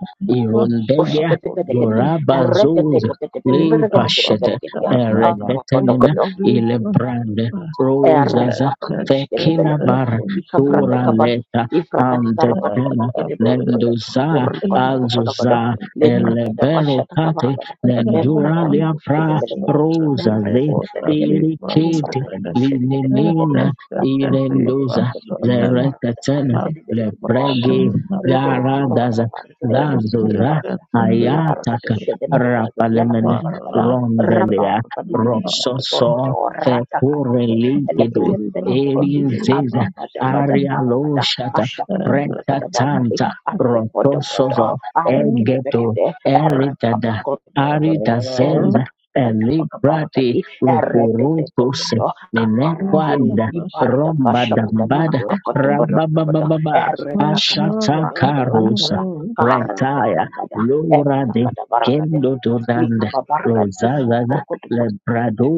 উষ্ণতে
Irundege
পেতে কেতে এর রেকেতে
Gorabazuz
কেতে কেতে ব্রেকেতে কেতে
Lipashete
ব্রেকেরি আপ বলো
Ereketenina
কর্তো
Ilebrande Rosaza
Erekabadush
Fekila
Kedebelevede,
Bar
Likavrata
Dura
Kabadi,
Leta
Ifrakati Karamadi
Andetena
Kede Borokodo,
Nenduza
Urkota Komodokodo,
Azuza
Thank you.
Librakada
Elebero
Vashata
Kate
Kavaragada,
Nendura
Membrakati Bush
Liapra
Kedebelevede,
Rosa De
Membrakadebelevede,
Irikiti
Imbrakati Bush Kedebelevede,
Linina
Kamprokumada
Irenduza
Korkadi Kidi Barakada,
Lereketena
Arkadebede Kidi Barakada,
Lebregi
Arkadebede Kidi
Garadaza
Barakada, Arkadebede Kidi
Zazuza
Barakada, Mila Barakado
Ayataka
Shedebede Barakadi, Yalakada
Rapalemene
Barakada, Raka
Rondelia
Kabadi Bidi Kidi
Roxoso
Borokodo, rakapa kete kete borokodo Rata kante
Fekurelikidu
eleketem benekedi
Erinzeza
apa pada pada barakada
Arialoshata
asha kata kata kata barakadi
Pretatanta
apa pada pada
Rotosozo
arkede
Egeto
bekede erkaba
Eritada
kote benekedi
Aritazenza
embra kata paka
Elibrati
barakadi erete te te
Rupurutus
te to kabaradin
Minequanda
di barada
Romba
basha pada
Dambada
barakote barakote
Rabababa
erka kaka
Ashata
pura kada
karusa,
barakada karata
retire
kapada eh
Lora de
pada barakade
Kendo
lika
Duranda
babarkadi
Rosaza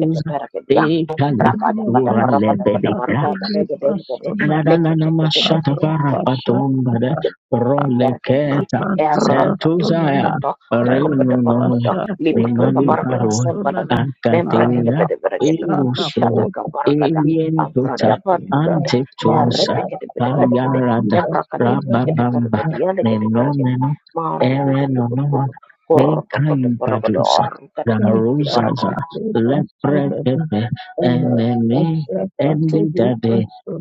kete mera kete ya
Thank
De Cali
berapa ada pada
Dura
berapa ada pada baru kata lagi dari kete leket kete kete
Ra-ra-ra-ra-ma-sha-ta-ba-ra-ba-dum-ba-da.
dari kete
Roleketa.
error to to to to
Setuzaya.
to to kepada baru
Rinonoe.
kete lipat ke kabar kete
Nimali-baro.
pemban ada member kete
Akatera.
beda beda jadi
Irusodo.
isyata kabar kada abra
Ilientuta.
dapat minta error
Antetusa.
kete beda beda kete
Kayarada.
member kete mus kete baru
Rababamba.
kete ya kete baru kete
Nenoneno.
maru itu kudu kudu
Erenonoa.
kudu kor kode baru kode
Nekaibadusa.
orang kete
Yes,
kete di baru
Garuzaza.
kada
Saturday, Pastor,
Leprekepe.
uh,
Enene.
Pastor, Saturday,
Endidade
Pastor,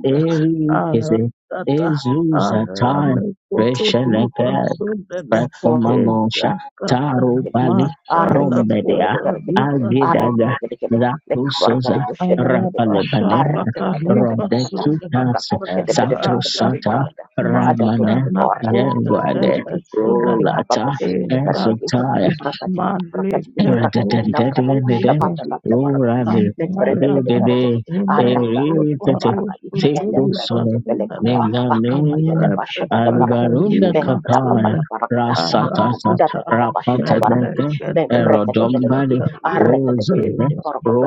uh,
erigeze
Tata,
ezuza tai
Arane, Kotori,
resheneke
Pastor,
prekomamosha
Ezaka,
tarubali
Mashana
arrecadicadi,
brombedea
arrecadicadi,
Kotori,
agidaga
Pastor,
arrecadi, arrecadicadi,
zakusoza
lekbarcadi, bushedicadi,
Arabasha,
rapalebaneda
Katari,
arrecadicadi,
Pastor,
rodekitas
akapurcadi, arrecadicadi,
satosata
Ratata,
barcada, ada
ramane
tutututu,
Mashana, Kotori,
yenguade
arrecadicadi,
Pastor,
rolata
ricababushedi,
Ezaka,
arrecadi,
ezuta
livracadi,
Male,
livracadi, livracadi, lavrada
Alvarunda
Kato,
pashavanda, lapta barcadi, lembreda,
Mastela
arrecadi, arata tututu, barcadi, elebrecadi, belecaba, akabaya, da pashaka, da barcadi, membra, pada
Kakaya
da barcada,
Rasatasa
Akaduda da da da basha da barakati.
Rapatanaka
Membreka da belakati.
Erodombali
Arreka da da da da
Rosenda
da barakato.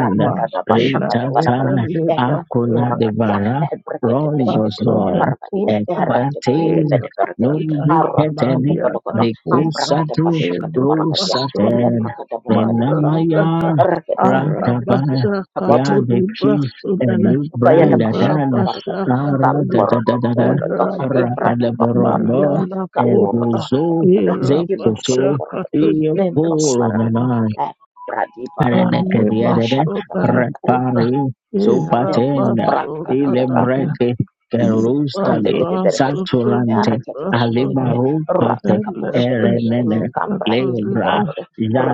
Rada da da basha ka da
Cooper
barakati.
Ritata
Ekatu
Lepa
Akula
porakati.
Devara
Ebreka da beshke da da da
Pasole
Rondosoil
barakati.
kota
Erreka da da da
Equates
da
eva
da barakati.
tata
Arrata da
Nombricetani
Maria na
kubalakato.
kota
Ambraka da basha ka da
eva
barakati.
pasole
Rusaten,
Elebraka da barakati. Bidi
mara
bidi bidi.
tata
Venamayan,
Arreka da da da
Rataban,
arabasha
da da da.
katoli
Yadeki, and
brasunene
Luke
Bayada
eva
Bashatu
Brandadan,
basha
Kabaragata,
katoli
Kaporoto
Aradadadadada,
Kapododo,
era baba
Ibrati Papa
Maria
Arabadabrobo,
Paragata,
na kota
Kaporoto
Eguzo,
Kapododo,
era basa
Kimbrokoto
Zekuto,
Borogati,
katoli
Membroko Paragata,
brasunene
Iyokoronana,
Brati Papa,
arne
Renekerere,
Ashakata
basole na
Paragata,
kota
repare,
era
supatenda,
basole
ilebrege,
Thank you.
Kande
kerustale,
bede bede bede. E
saturante,
Arata bede bede bede. Rata
alibarukate,
kaboshe bede bede.
erenene,
Kambrani kidi bora
lebra,
bede.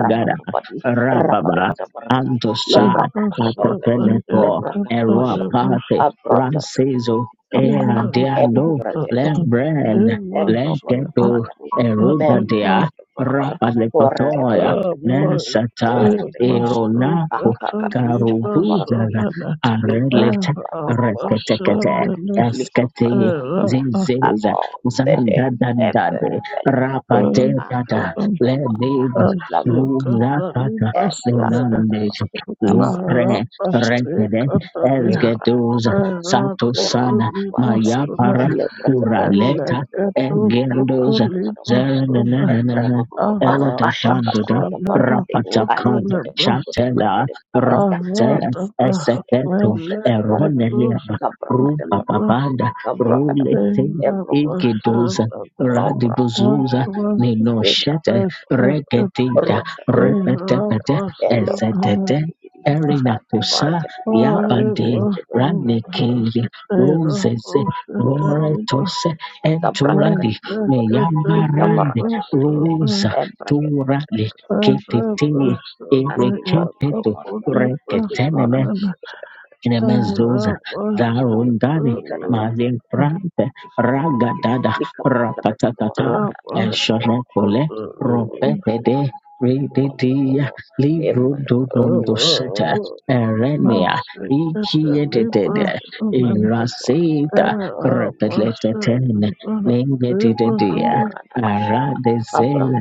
Rapa papadi. Rapa de
rababa,
bada bora bede.
antosa,
Lebra kapa kabora bede.
apokeneko,
Lebra kapa bashe.
eroapate,
Abrata bede
ranciso,
bede
era
kapa.
diando,
Ebra bede bede bede.
lebrand,
Ebro bede
legedo,
bora bede. Membro
erudadia,
bede bora bede. Hora bede
rapalekotoya,
bede bede bede bede.
nesata,
Bede bede bede bede. Ah
Eronato
kakak. Cepat bora bede.
Karubuzana
Vibrata
Arelete
bora bede
Reketekete Eskete
Likobragata
Zizeza
Amombede
Zanda Dandade
Ebelede
Rapate Tata
Akarudabala
Lenibas
Así
Lavakabata
Runakata
que hasta
Ebrakadaba
Lenandes Lupre
Kabrakata
Rekede
Shivakabata
Larabashekataliha
Esgeduza
Limbrakadabura
Satosana
Orakadwanakadi
Mayapara
Eratulimasunene
Elebrakadata
Kuraleta
Shivakabelebele
Egendoza
Limbrakadabarabarakadi
Elekatulimasune
Zerenanana
Ebrakadababa
Erotatanduda
Arabashanena
Ashakatakabarakadi
Rapatakan
Kutelebes
Shantela
Alekadabarakadabarakadi
Rata
Em-
Aratata
Eseketo
Melekatulimas
Shivakabelebele
Eroneleba Rupa
Kabrakadabara
Papanda
Abracadabra,
Rulete
abracadabra,
Ikidoza
Erabashanena
abracadabra,
What
Radibuzuza
was the
Nino Shete
best
abracadabra,
Reketita
abracadabra,
Repetepete
hello,
Erabashanena
Esetete Erina
Kati
Pusa
marakat, kati marakat,
Yapande
kati
Libras
marakat,
Ranekeli
and
Rosese Roretose
Shkata brata
Enturadi
kati morokodo. Ikavara
Meyambarande
kati kati kati.
Rosa
Embra kati kati kati.
Turale
Shkina kati.
Ketete
Nasi bati
Imekepetu
kavara kati. Kimara
reketeneme
kati
Nemezuza Zarundani
Ika da vara kati
Malin Prante
Isu vara kati. Nikana kati. Ismara kati.
Ragadada
Nikamba kati kavara
Ratatatata
I
kati.
was
Nikamba kati.
Eshorekole Ropetede Rididia Libro
Emma
Durunduseta Erenia
kati.
Ikiedede
Emma kati.
Irasida Repeleten Ningedidia
Makurada Bashata, Abraham,
Aradezela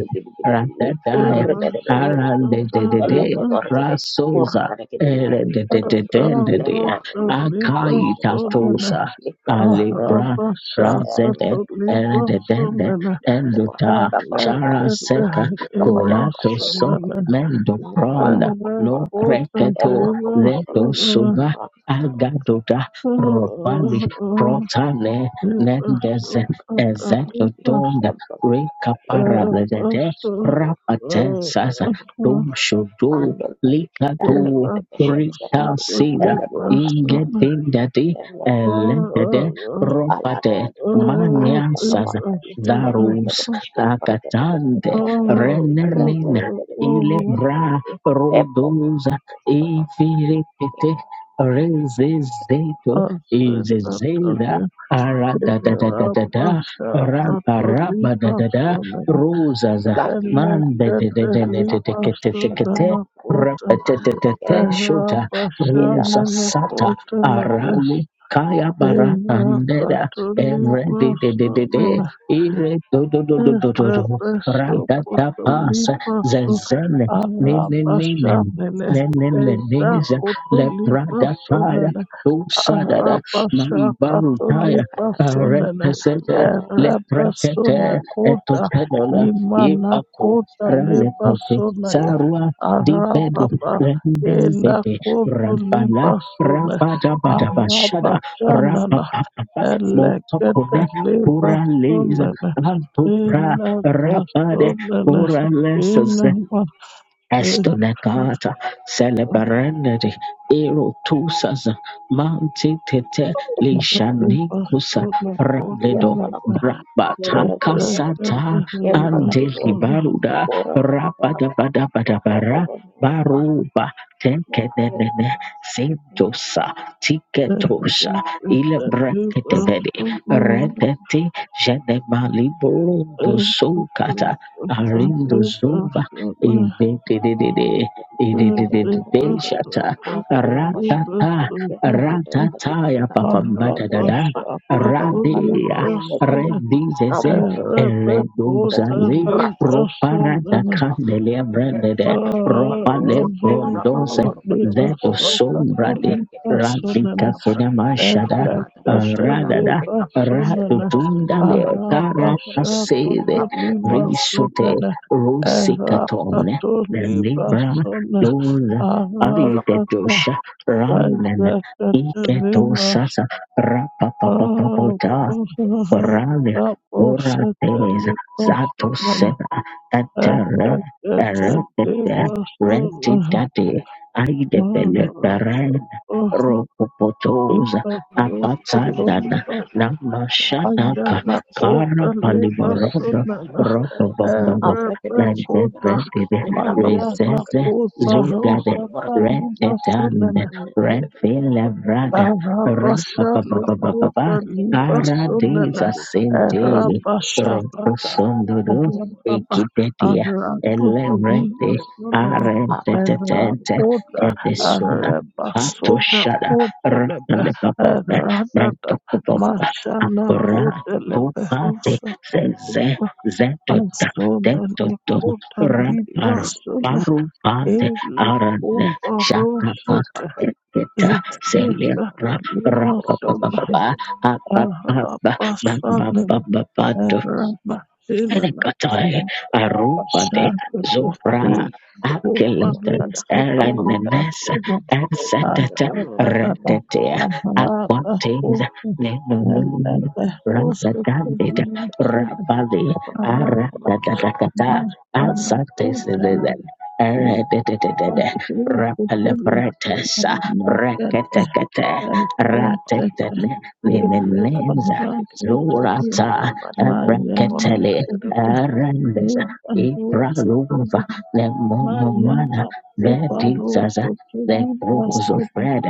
I'm
Ratadaya
Regada,
Arandedede
Elakabarade, Puranakin,
Erededededede.
Lembar,
Akaitatosa.
Nikabana,
Alebra. Razede. Erededede. Endota.
Bapak Bapak dibilang
Charaseka.
ikan banyak dan masya dan
Kuratoso.
kebalikannya. Lalu
Mendobranda. Lo preketo. Leto suba. Agadoda. Robali. Protane. Nendez. Ezetodonda. Rekaparadede. Rapate. Sasa. Dom shodo.
Mandol body,
Likato.
Barricade the Shed Berry,
Rita
I'm
Sida
Elebraca dari
Libas,
Morbadi,
Ingetindati
Era
Eletede
Alata the
Ropate
Tata, Arata the
Maniasas
Morbadi, Ebrica the
Darus
Pesca the Porta the Village the
Akatande
Morbadi, Rata
Renelina
the Village the Village the
Ilebra
Village, Epo
Rodosa Ifirikete Rezizeto Izezeda Aradadadadada Arabadadada Rosaza
Lati Tata
Mande de de de
La
de de de
Braca the
de de
Pesca
de de
the Porta, Umbrella the
Repeteteteshota
Village,
rusa
Ilavakoa,
sata arane kaya bara andera evre de de de de de
Catolic
ire do do do do do do
Nakabakoa,
do
Rebeso
Ikaba,
radata pas
Cotolipaso
zezene ne ne ne ne
Arabashanele
ne ne ne
Eza
ne ze le pradataya
Cotolipasonele
do sadada ma
Arabasha
ibaru taya
Ayakana,
Catolipasonele
repesete le prekete
Rebesone Cota
etopedona ye
Imana
pato
Cota
relepete
Lebasonaya
sarua Di Dibedu,
Arababa Ela
Rendendete, Rampala,
Cotolipasone
Rabadabadabashada,
Arabashanana
Rapapapa,
Elekete
Motokone,
liba
Kura Leza,
sonene
Antopra,
illa
Rabade,
gasonene
Kura
ina
Estonegata celebrandi erotusas mantitete
Yang
liba
lishanikusa
sona
randedo
potele
brabataka sata
ekete liba sona
andelibaruda rabadabadabadabara baruba tenkenenene sintosa tiketosa ile
ekete liba
breketevedi
sonene
redeti jenemaliborondo
illa
sukata
gasonene
arindo
liba sona liba sona
Ididididi, ididididi, shata,
liba
ratata,
sonene
ratata, ya papambada dada,
Parabasha, Patuli,
radia,
Brasso,
redizeze,
Reporter
eleduzali,
Libason
roparada
and
candelia brandede, ropale rondose, vedo
Libason Cato
sombrade,
Libason and
radlika fenamashada,
Edlecate
radada,
Libason and
radudundale,
Arabashato
tarapasede,
Limason
risute,
and
Rusikaton,
Erapato
the Libra,
Libason
those
Aratata
Aritetosha, Ramen,
Vizete Limason
Iketosasa, Rapapapapota, Ralia Ora Days
Raposete
Zato
Libason
Sena
And
Etere
And And that that that they
Eretete
were so
Renti Daddy Aidebele Beren
uh,
Ropopotos
uh,
Apatsanana
Potomiba and
Namashanaka Kara
Yamakota
Palibaroda
Lebasonana and
Ropobobobo
Abra ke de
Mende
peşkete
Rebecota
berkedi,
Vendide
lemra bapak de
Mariana
Rezeze
borkedi,
Kota
ileke
Zugade
borkedi
Rosa
borkedi,
Paliba
Retetan
Sunana
Thank
Renfile
Arabasha
Vrada
Nikota Liba
Paradisa
Sunana
senteni
Arabashakata
roposondodo
Avapa
ekitetia
avrato
elerete
limasonene
arentetetente
evrapota
edesoda
arrebasona
atoshada
kotelebe
rapalepapombe
erratata
mentokopomba
mashana
akora
kotelebe
tupate
rusa
zeze
tuba
zetota
asonene
tetoto
kota
raparu
librasona
you.
parupate
ela
arane
opa
shakapa
rosete
eketa
esekata
selera
limasona
rapapapapa Ba ba ba ba ba ba
arrapasanene
ba ba.
errabashinana
Elekatai, Arubade,
Pashato
Zora,
Kofi
Akelete,
Kopaho Sotoli
Elenenes,
Basoma
Esetete,
Adadaba
Retete,
Ahaba
Aquates,
Kofi
Nenunun,
Lepeho
Ratatandid,
Thank
Sotoli Basoma
Rabali, Aratatatata,
Adamashana
Asates,
Kotala
Eredetete,
Pastori Kotoli
Rapalebretes,
Hamakete
Reketekete,
Ezekete
Ratetene,
Ele
Nineneza,
Pahasotolia
Zorata,
Mayana
Abrakatele,
Kota
Erendes, Ibralova,
Ebaho
the Monomana,
Mariana
the
Moparo
Jesus, the
Sotoli
Cruz of
Basada
Red,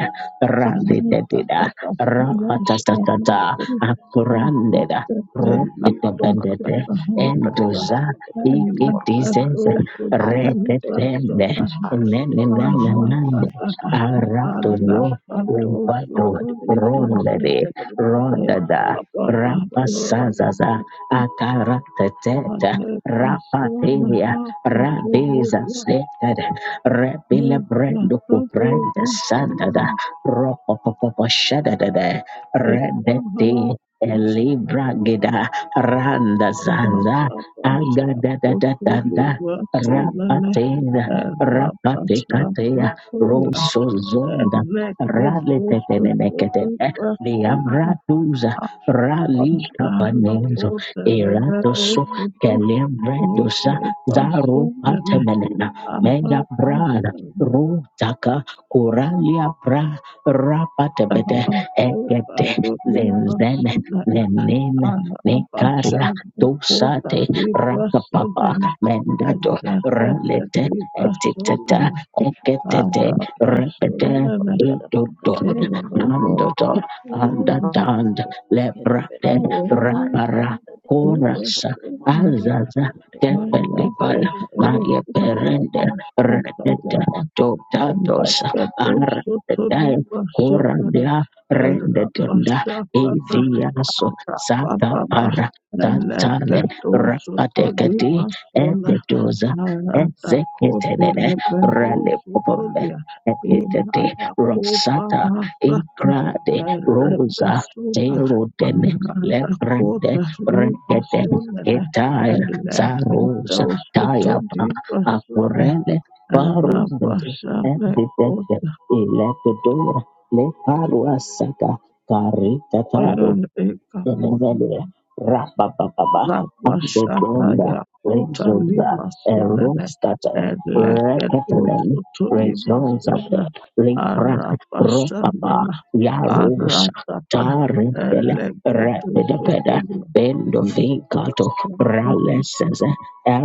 Arata
Rabidedida,
Data Masana
Rapatatata,
Sotoli
Akurandeda, Ropetabendede,
Basada Hakata
Endoza, Ikitises,
Alakato Sotoli
Redetende,
Basada
Nenananande,
Arata Data
Aratozo,
Alakato
Uvado,
Sotoli Basada
Rondede, Rodada,
Baba Hane Basada Sotoli Basada
Rapasazaza. Akaratateta Rapateria Radiza Seted Rebile
Yes, that's
Brendo
what they
Kuprenda
were
Sandada
saying.
Ropopopo Shadada
Aha,
Redeti Elibra Gida Randa Zanza Agadadadadada Rapateda Rapatekatea Rosso Zonda Raletetenekete Liavratuza Rali Capanenzo Eratoso
you.
Kelebredosa Zaru Patemelena Mega Brad Rutaka Kuralia Bra Rapatebete Ekete Zenzen Zenin Nekaria
Arabashabukuta
Dosate Rakapapa
libasunene
Mendato
ezekete
Ralete Etiteta
libasunene
Eketete Repete
arabasunene
Idodon Nandoto
erobobukunene
Undertand Lebrate rapara. Chorus,
libasunene
Azaza, Tepelipal,
mayaka
Maria Perende, Redete,
ekarabashatayaba
Totatos,
eneketusutu
Arredai,
libasunene
Corandia, Rendetunda,
erabashakata
Eviaso,
Baba
Sakapara, Tantale,
Narada
Rapatekati, Ebedoza,
Narada Kota
Ezeketene,
Lebero
Rally Popome,
Sotolia
Epitete,
Inana
Rosata,
Legadosotolimasona Naradakotelebehositolia Inanakoparasata
Incrade, Rosa,
Erepesuna
Terodene, Lebrande,
Maradakota
regede
Limasonene
ketaya sarusa tayaba
Elegatosotolimasone
akurele barudete endidete
Erabashanekota
ilepidura leparuasaka karitatado
Erekapone
Vele, Rapapapa,
Rabashata
Ambekonda,
Yakota
Rezoza,
Lima Sunene
Erostata,
and Leketo
Rekatanen,
Soto Lima
Rezoza,
Suna
Lipra,
Arabashana
Ropapa, Yarusa
Aratata
Tarintele,
and Leketo Soto
Rapidapeda,
Lima
Bendo Vincato,
Santa
Raleses,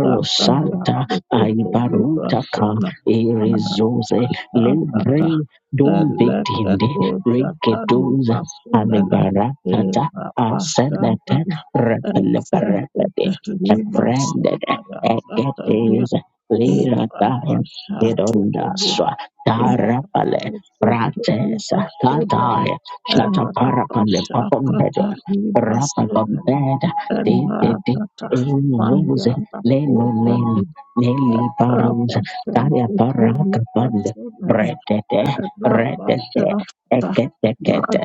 Tata Yakito Lima
Aibarutaka,
Suna
Erizoze,
Arabashata
Libre,
Elekadosha
Dumbitinde,
Kali
Riketuze,
Basunana
Alibaratata,
Eva
Asenete
Basanana
repeleperepede
Executively
ebranded
Basunaya Katalia
egedes lira
Eva
time
Basatu Tobin
idondaswa tarapale
Executively
prates
Basunana
kataya
Eva
shataparapale
Basaka
papombede
Tali Basunana
rapapombeda
Eva
tete, Eluse,
Tatahaya
leno nelo, neli parusa,
Masha,
kaya
Ota,
paraka
Libra,
pande,
Suna,
bretete,
Araba,
retete,
Shana,
ekete kete,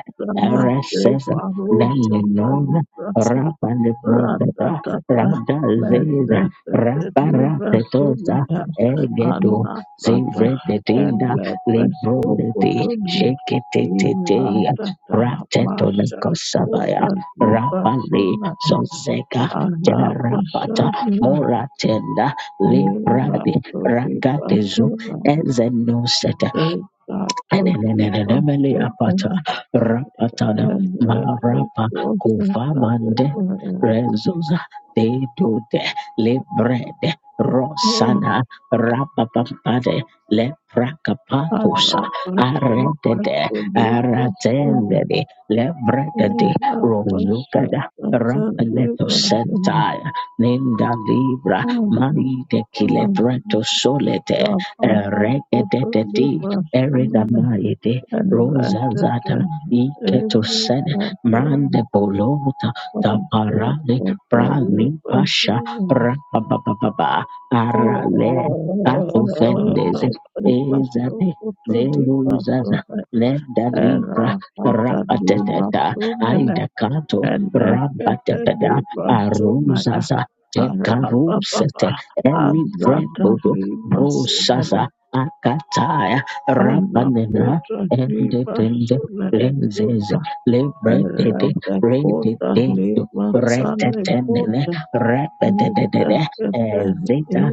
Nenenon Rapa Lebrodada Rada Zeda Rapa Ratetosa Egeto Zivretetinda Librondeti Sheketetetea Rateto Lekosabaya Rapali Soseka Terapata Moratenda
Ela
Libradi
todi
Ragatezu
basura,
Ezenoset
ela todi
Enenenenele
basura,
apata
ela
rapatana marapa
cosa
kuvamande
ela
rezuza dedude lebrede rosana rapapampade leprakapatosa
alla basura
aredede
todi basura,
aratendede lebredede
ela basura
rozukada
todi
Rampeleto
basura,
sentaya ninda libra maride kilepreto solete
da para
regedede
todi
Erida
basura,
Maride,
ela
Rosa Zatan,
tete, ela
Iketosen, Mande Bolota,
Kota,
Taparale, Prani Pasha, Rabababa, Arale, Ato Fendeze, Ezade, Zeruzaza, Leda Libra, Rapateta, Aida Kato, Rabatebeda, Aruzaza, Tekarusete, Eli Vrebodo, Brosaza, akata Rapanena and the lenses liberated radiated retetenene
Thank
repetedede ezita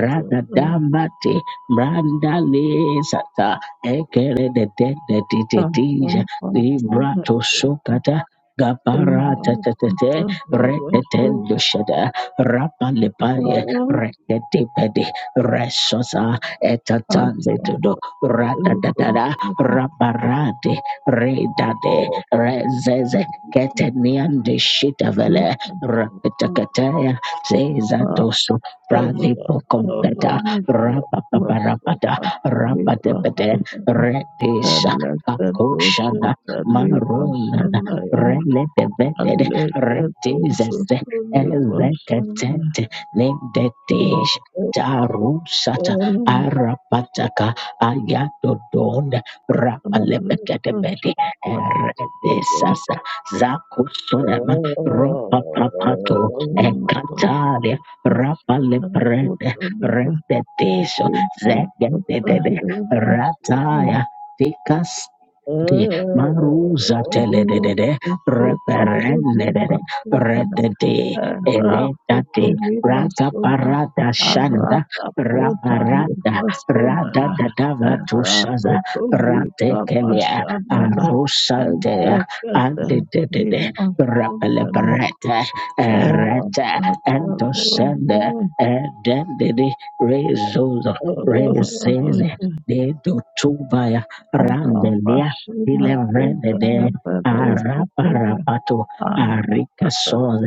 radadamati brandalisata ekerededededididija libratosokata gaparatetetete retetendoshada rapalepaye reketipedi resosa etatandetudo Ratatatara, Raparate, Redade, Rezeze, Ketenian de Shitavele,
you.
Rapitakatea, Zezatosu, Pradipo Competa, Rapaparapata, Rapatepete, Redisha, Akoshana, Marunana, Renetevete, Retizese, Ezekatete, Nedetish, Tarusata,
So,
Arapataka ayadodon rapalepeketebede eredesasa zakusunema rompapapato ekatalia rapaleprede rededeso zegedede rataya Take us de maruza teledede reperendede redede eredade
Rakotoli
raga
Masuna
parada shanada
Arata Kota
rabarada rada
Libasunana
da da vatu shaza
Ratotoli
rate kelia
Lamashanana
arusante dadava tushaza ratekelea arusantea
Ezekete
andedede
Imasunana
rapeleperete erete entosende edendede rezuzo reseze de do dotubaya
Arapashina
Ilevrede
Kota
de
Leberositona
araparapato
Arata
arikasoz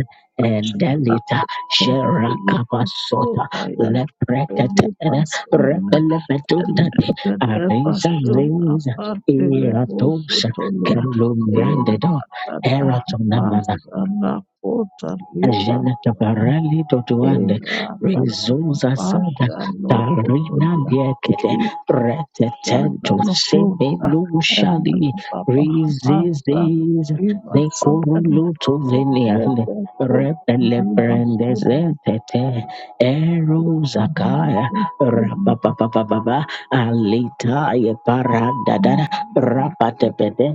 Shina
endelita jerakapasota
Imasutaya
leprekatene repelemetundate
Tete
adesa
passion
vesa
aparte Depression apparently labels
iratosa
Sotolia
kelumbrande do
más. Baba Hamas
eratonamana
and Lakota Libra
Jana tabarali
in
totuande
Babasha
rizuza sada
no
tarina
Potolia
liekete
in Shada
pretetento
no Kota and
semenushali
Baba Hamas
rizizis
Libra
de
Sotolia
coruluto
and
veniande
Rebbe Kota
repele
Libra
prendezete eruzakaya rapapapapapa alitaye paradadada
Sotolia.
rapatepede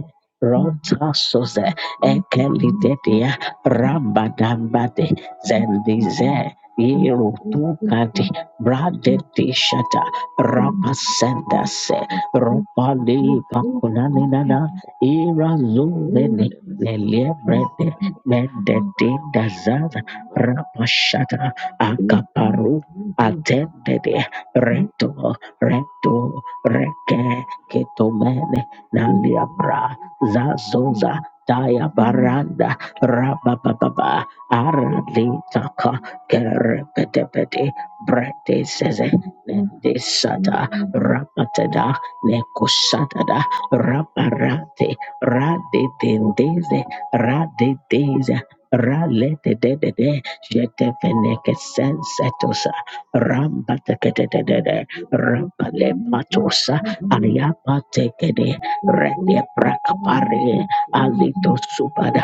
Thank
rotasoze ekelidedia Rambadambade Zendize Yerutukati Brade Tishata Rapasendase Ropali Pakunaninana Ira Zuveni Lelebrede Mendetinda Zaza Rapashata Akaparu Attended Reto Reto Reke Ketomene Naliabra Zazoza Daya Baranda Rabababa Aralitaka Kerebedebede Brete Seze Nendisata Rapatada Nekusatada Raparate Radetendeze Radeteze Raletedede Jetefeneke Sensetosa Rambatekede Rabalepatosa Ayapatekede Rede Prakapare Alito
you.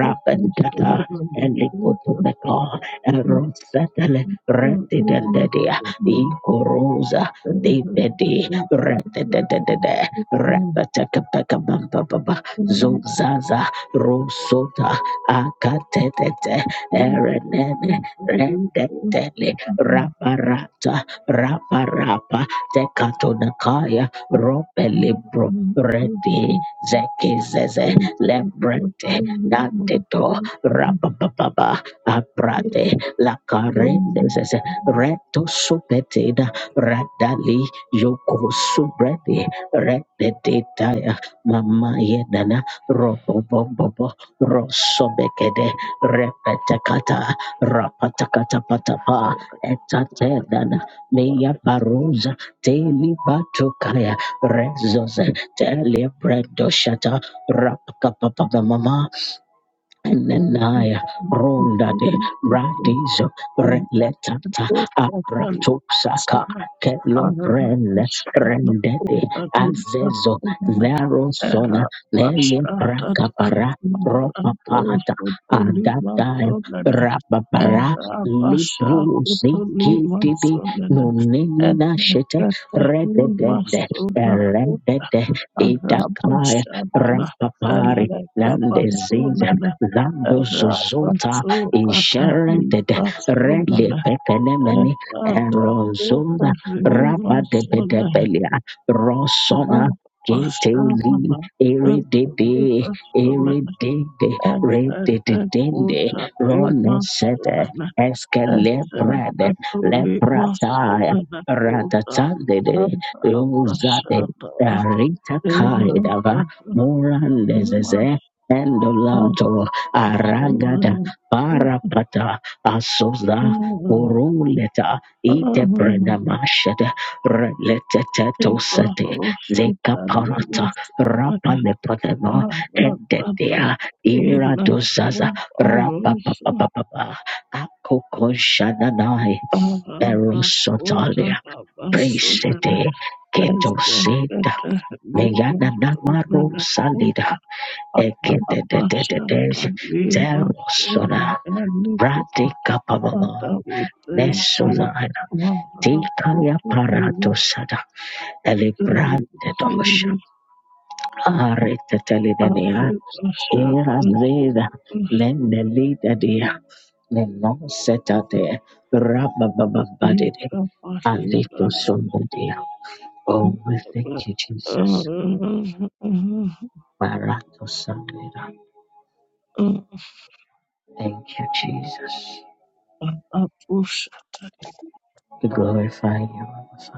Thank you.
Elipotomeka Erosetele Retidendedia Ikorosa Depedi Retedede Rapatakapakabamba Zuzaza Rosota Akatete Erenene Redetele Raparata Raparapa Tekatonakaya Ropelibro Redi Zeki Zeze Lebrete Danteto Rapapapa Aprate La Carendezes Reto Supetida Radali Yoko Subredi Rededetaya Mama Yedana Robobobobo Rosobekede Repetakata Rapatakata Patapa Etatedana Meya Paruza Teli Batukaya Rezos Tele Bredoshata Rapapapa Mama Nenaya ronda de bradizo reletata apratoxaca kelo prende rendete azezo zero sona
Erapashatata
nele prakapara ropapata adadaem
Malakosotolimasonene
rababara libro zikititi
Erapashakotolimasonene
nonenina shete rededede
Eleketelimasonakutarabashanana
redede itakaya rapapari nandeziza
Elekabasonene
Zando Zozota Inherited Rele
Erapasokatalimasonene
Pekenemeni Erozunda Rabba de
Eradakotahimasonene
Bedebelia Rosona Keteli
Erapashanana
Eridede
Erapasonene
Eridede
Ebede
Rededende
kutati
Ronesete
masonana
Eskelebrede
esakatuli
leprata
masonana kuta
Ratatandede Uzade
anabashana
Rita Kaidava
erabashana
Morandezeze
masonana
aragada
kuta
parapata asoza kuruleta itebrenamashada reletetetosete
ibahoshana
zekaparata
masonana
rapalepanema
aratata
endetea iradozaza
inakubarusha
rapapapapapa akokoshananai
arana kuta
berosotalia
babasonana
presete ketoseta
Ezekete limasomele
meyananamarosalida
kuta Rabashata
Eketetetetetes,
limasoma
Terosona,
elikete.
Brate Capababa,
Father, we thank you.
Nesodana,
Father, for
Tikaya
today we
Paratosada,
thank you.
Elibrante Dosha,
Jesus,
Aritetelinea,
Arabashata
Era Zeda,
limas
Mendelita Dia, Nenosetate, Rababababadide, Alito
Ikapalibasoma.
Sundadia. Oh, we thank you, Jesus. Maratosandida. Thank you, Jesus.
Apushata
We glorify you, Abba Father.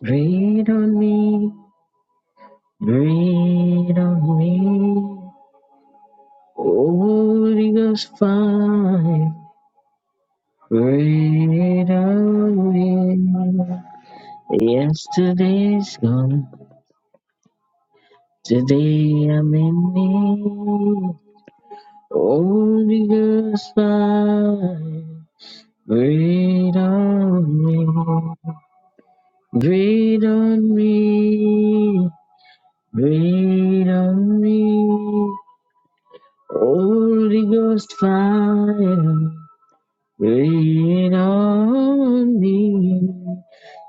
Breathe on me, breathe on me. Holy Ghost fire, breathe on me. Yesterday's gone, today I'm in need. Holy Ghost fire, breathe on me, breathe on me, breathe on me. Holy Ghost fire, rain on me.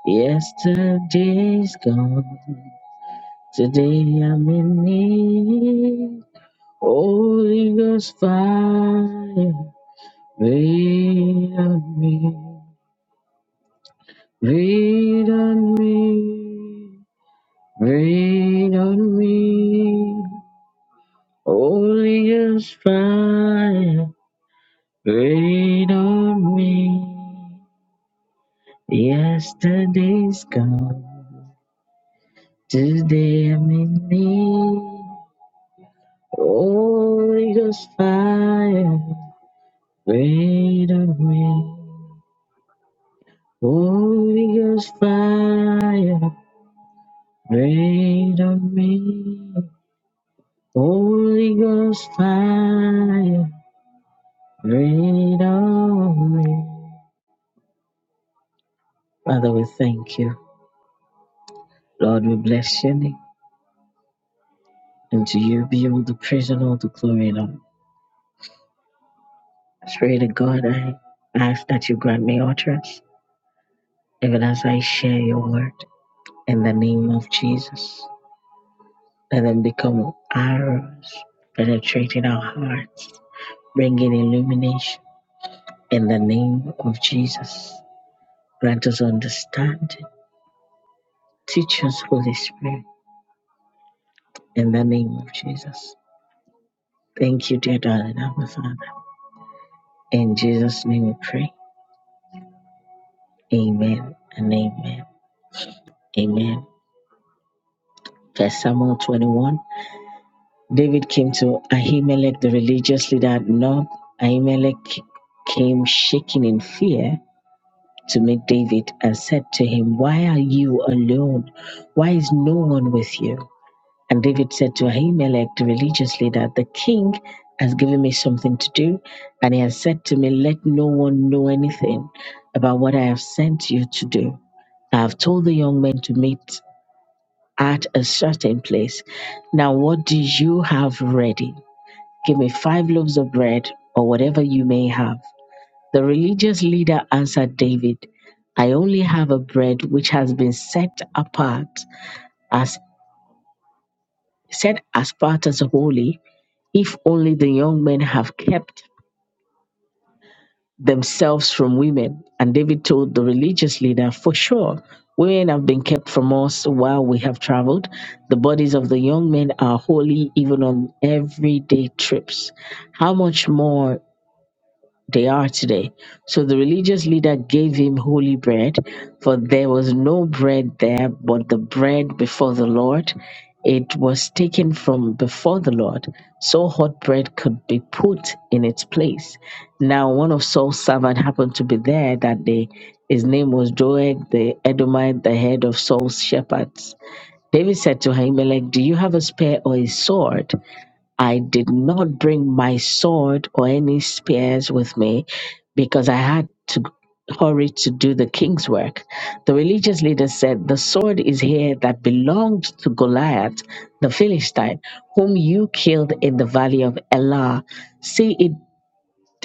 Yesterday's gone, today I'm in need. Holy Ghost fire, rain on me. Rain on me, rain on me. Holy Ghost fire, rain on me. Yesterday's gone, today I'm in need. Holy Ghost fire, rain on me. Holy Ghost fire, rain on me. Holy Ghost fire, rain on me. Father, we thank you. Lord, we bless your name. And to you be all the praise and all the glory and honor. Spirit of God, I ask that you grant me utterance, even as I share your word in the name of Jesus. Let them become arrows penetrating our hearts, bringing illumination in the name of Jesus. Grant us understanding. Teach us, Holy Spirit, in the name of Jesus. Thank you, dear darling Abba Father. In Jesus' name we pray. Amen and amen. Amen. First Samuel 21 David came to Ahimelech, the religious leader at Nob. Ahimelech came shaking in fear to meet David and said to him, Why are you alone? Why is no one with you? And David said to Ahimelech, the religious leader, The king has given me something to do, and he has said to me, 'Let no one know anything about what I have sent you to do. I have told the young men to meet at a certain place. Now, what do you have ready? Give me five loaves of bread or whatever you may have. The religious leader answered David, I only have a bread which has been set apart as set as part as holy, if only the young men have kept themselves from women. And David told the religious leader, For sure, women have been kept from us while we have traveled. The bodies of the young men are holy even on everyday trips. How much more? they are today. So the religious leader gave him holy bread, for there was no bread there but the bread before the Lord. It was taken from before the Lord, so hot bread could be put in its place. Now, one of Saul's servants happened to be there that day. His name was Doeg the Edomite, the head of Saul's shepherds. David said to Ahimelech, Do you have a spear or a sword? I did not bring my sword or any spears with me because I had to hurry to do the king's work. The religious leader said, The sword is here that belonged to Goliath, the Philistine, whom you killed in the valley of Elah. See it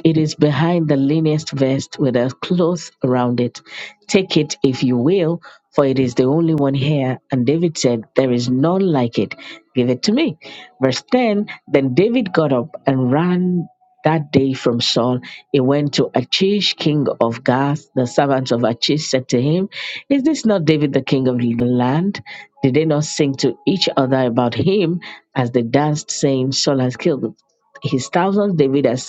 it is behind the leanest vest with a cloth around it. Take it if you will, for it is the only one here. And David said, There is none like it. Give it to me. Verse 10 Then David got up and ran that day from Saul. He went to Achish, king of Gath. The servants of Achish said to him, Is this not David, the king of the land? Did they not sing to each other about him as they danced, saying, Saul has killed his thousands, David has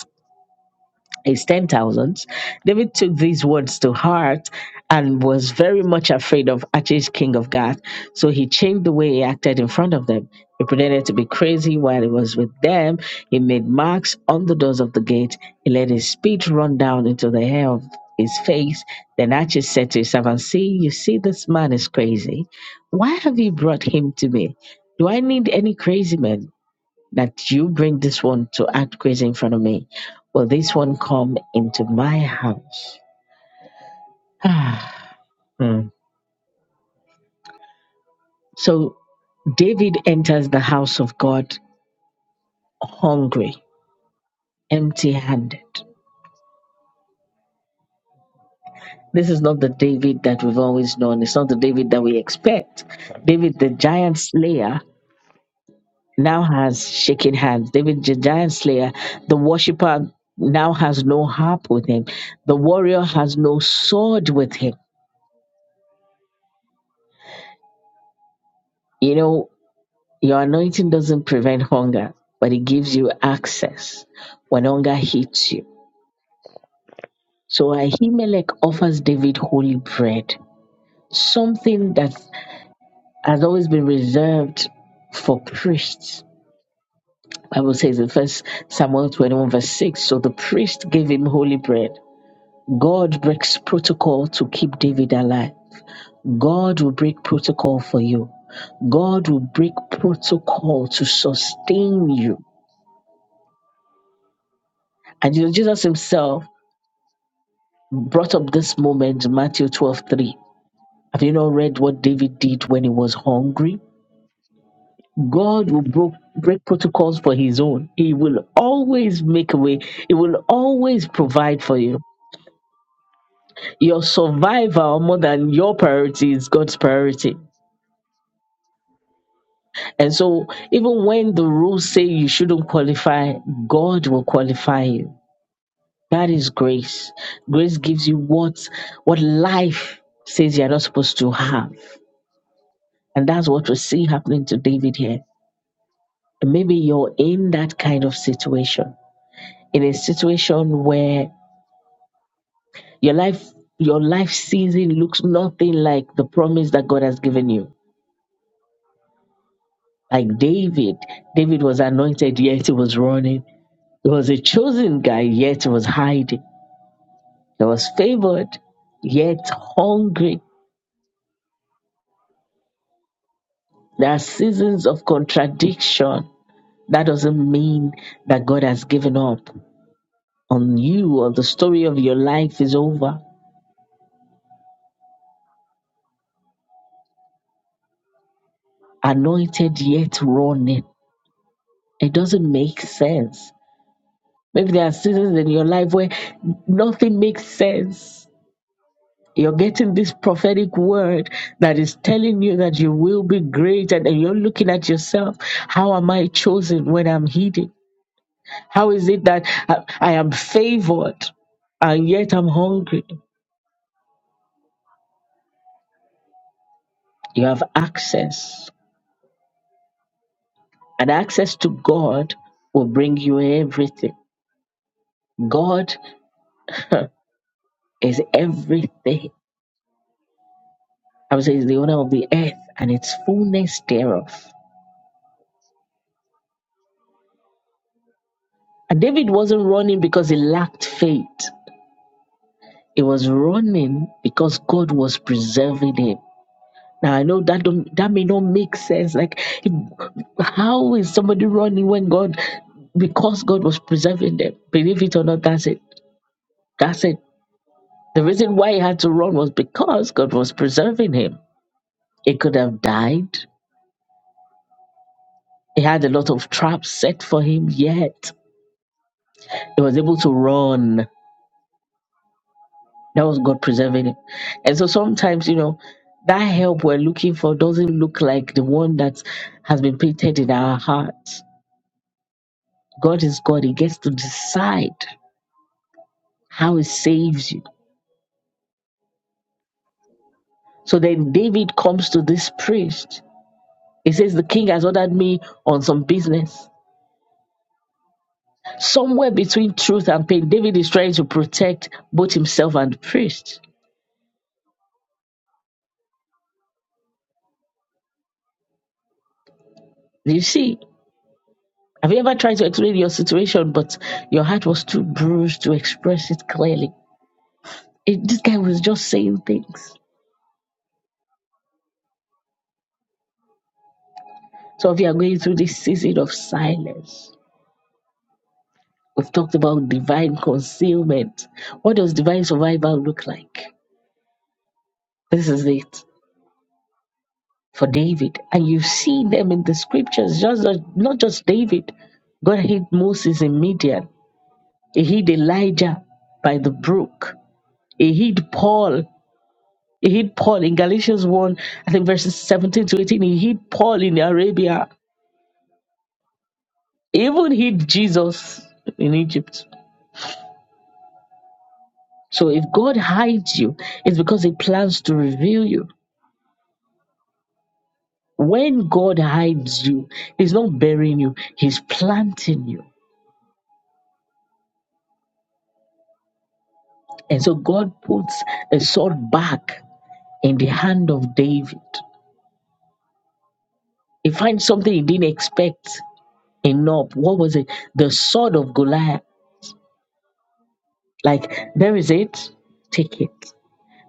his 10,000s. David took these words to heart and was very much afraid of Achish, king of Gath. So he changed the way he acted in front of them. He pretended to be crazy while he was with them. He made marks on the doors of the gate. He let his speech run down into the hair of his face. Then Achish said to his servant, See, you see, this man is crazy. Why have you brought him to me? Do I need any crazy men? that you bring this one to act crazy in front of me. Will this one come into my house? Ah. so David enters the house of God hungry, empty handed. This is not the David that we've always known. It's not the David that we expect. David, the giant slayer, now has shaking hands. David, the giant slayer, the worshiper, now has no harp with him. The warrior has no sword with him. You know, Your anointing doesn't prevent hunger, but it gives you access when hunger hits you. So Ahimelech offers David holy bread, something that has always been reserved for priests. Bible says in First Samuel 21 verse 6, so the priest gave him holy bread. God breaks protocol to keep David alive. God will break protocol for you. God will break protocol to sustain you. And you know, Jesus himself brought up this moment, Matthew twelve three. Have you not read what David did when he was hungry? God will bro- break protocols for his own. He will always make a way, He will always provide for you. Your survival, more than your priority, is God's priority. And so, even when the rules say you shouldn't qualify, God will qualify you. That is grace. Grace gives you what, what life says you're not supposed to have. And that's what we see happening to David here. And maybe you're in that kind of situation, in a situation where your life, your life season looks nothing like the promise that God has given you. Like David, David was anointed, yet he was running. He was a chosen guy, yet he was hiding. He was favored, yet hungry. There are seasons of contradiction. That doesn't mean that God has given up on you or the story of your life is over. anointed yet running. It doesn't make sense. Maybe there are seasons in your life where nothing makes sense. You're getting this prophetic word that is telling you that you will be great, and then you're looking at yourself. How am I chosen when I'm hidden? How is it that I I am favored and yet I'm hungry? You have access, and access to God will bring you everything. God is everything. Bible says the owner of the earth and its fullness thereof. And David wasn't running because he lacked faith. He was running because God was preserving him. Now I know that don't, that may not make sense. Like, how is somebody running when God, because God was preserving them? Believe it or not, that's it. That's it. The reason why he had to run was because God was preserving him. He could have died. He had a lot of traps set for him, yet he was able to run That was God preserving him. And so sometimes, you know, that help we're looking for doesn't look like the one that has been painted in our hearts. God is God. He gets to decide how he saves you. So then David comes to this priest. He says, The king has ordered me on some business. Somewhere between truth and pain, David is trying to protect both himself and the priest. Do you see? Have you ever tried to explain your situation, but your heart was too bruised to express it clearly? It, this guy was just saying things. So if you are going through this season of silence, we've talked about divine concealment. What does divine survival look like? This is it for David. And you see them in the scriptures, just not just David. God hid Moses in Midian. He hid Elijah by the brook. He hid Paul. He hid Paul in Galatians 1, I think verses 17 to 18. He hid Paul in Arabia. He even hid Jesus in Egypt. So if God hides you, it's because He plans to reveal you. When God hides you, He's not burying you, He's planting you. And so God puts a sword back in the hand of David. He finds something he didn't expect in Nob. What was it? The sword of Goliath. Like, there is it, take it.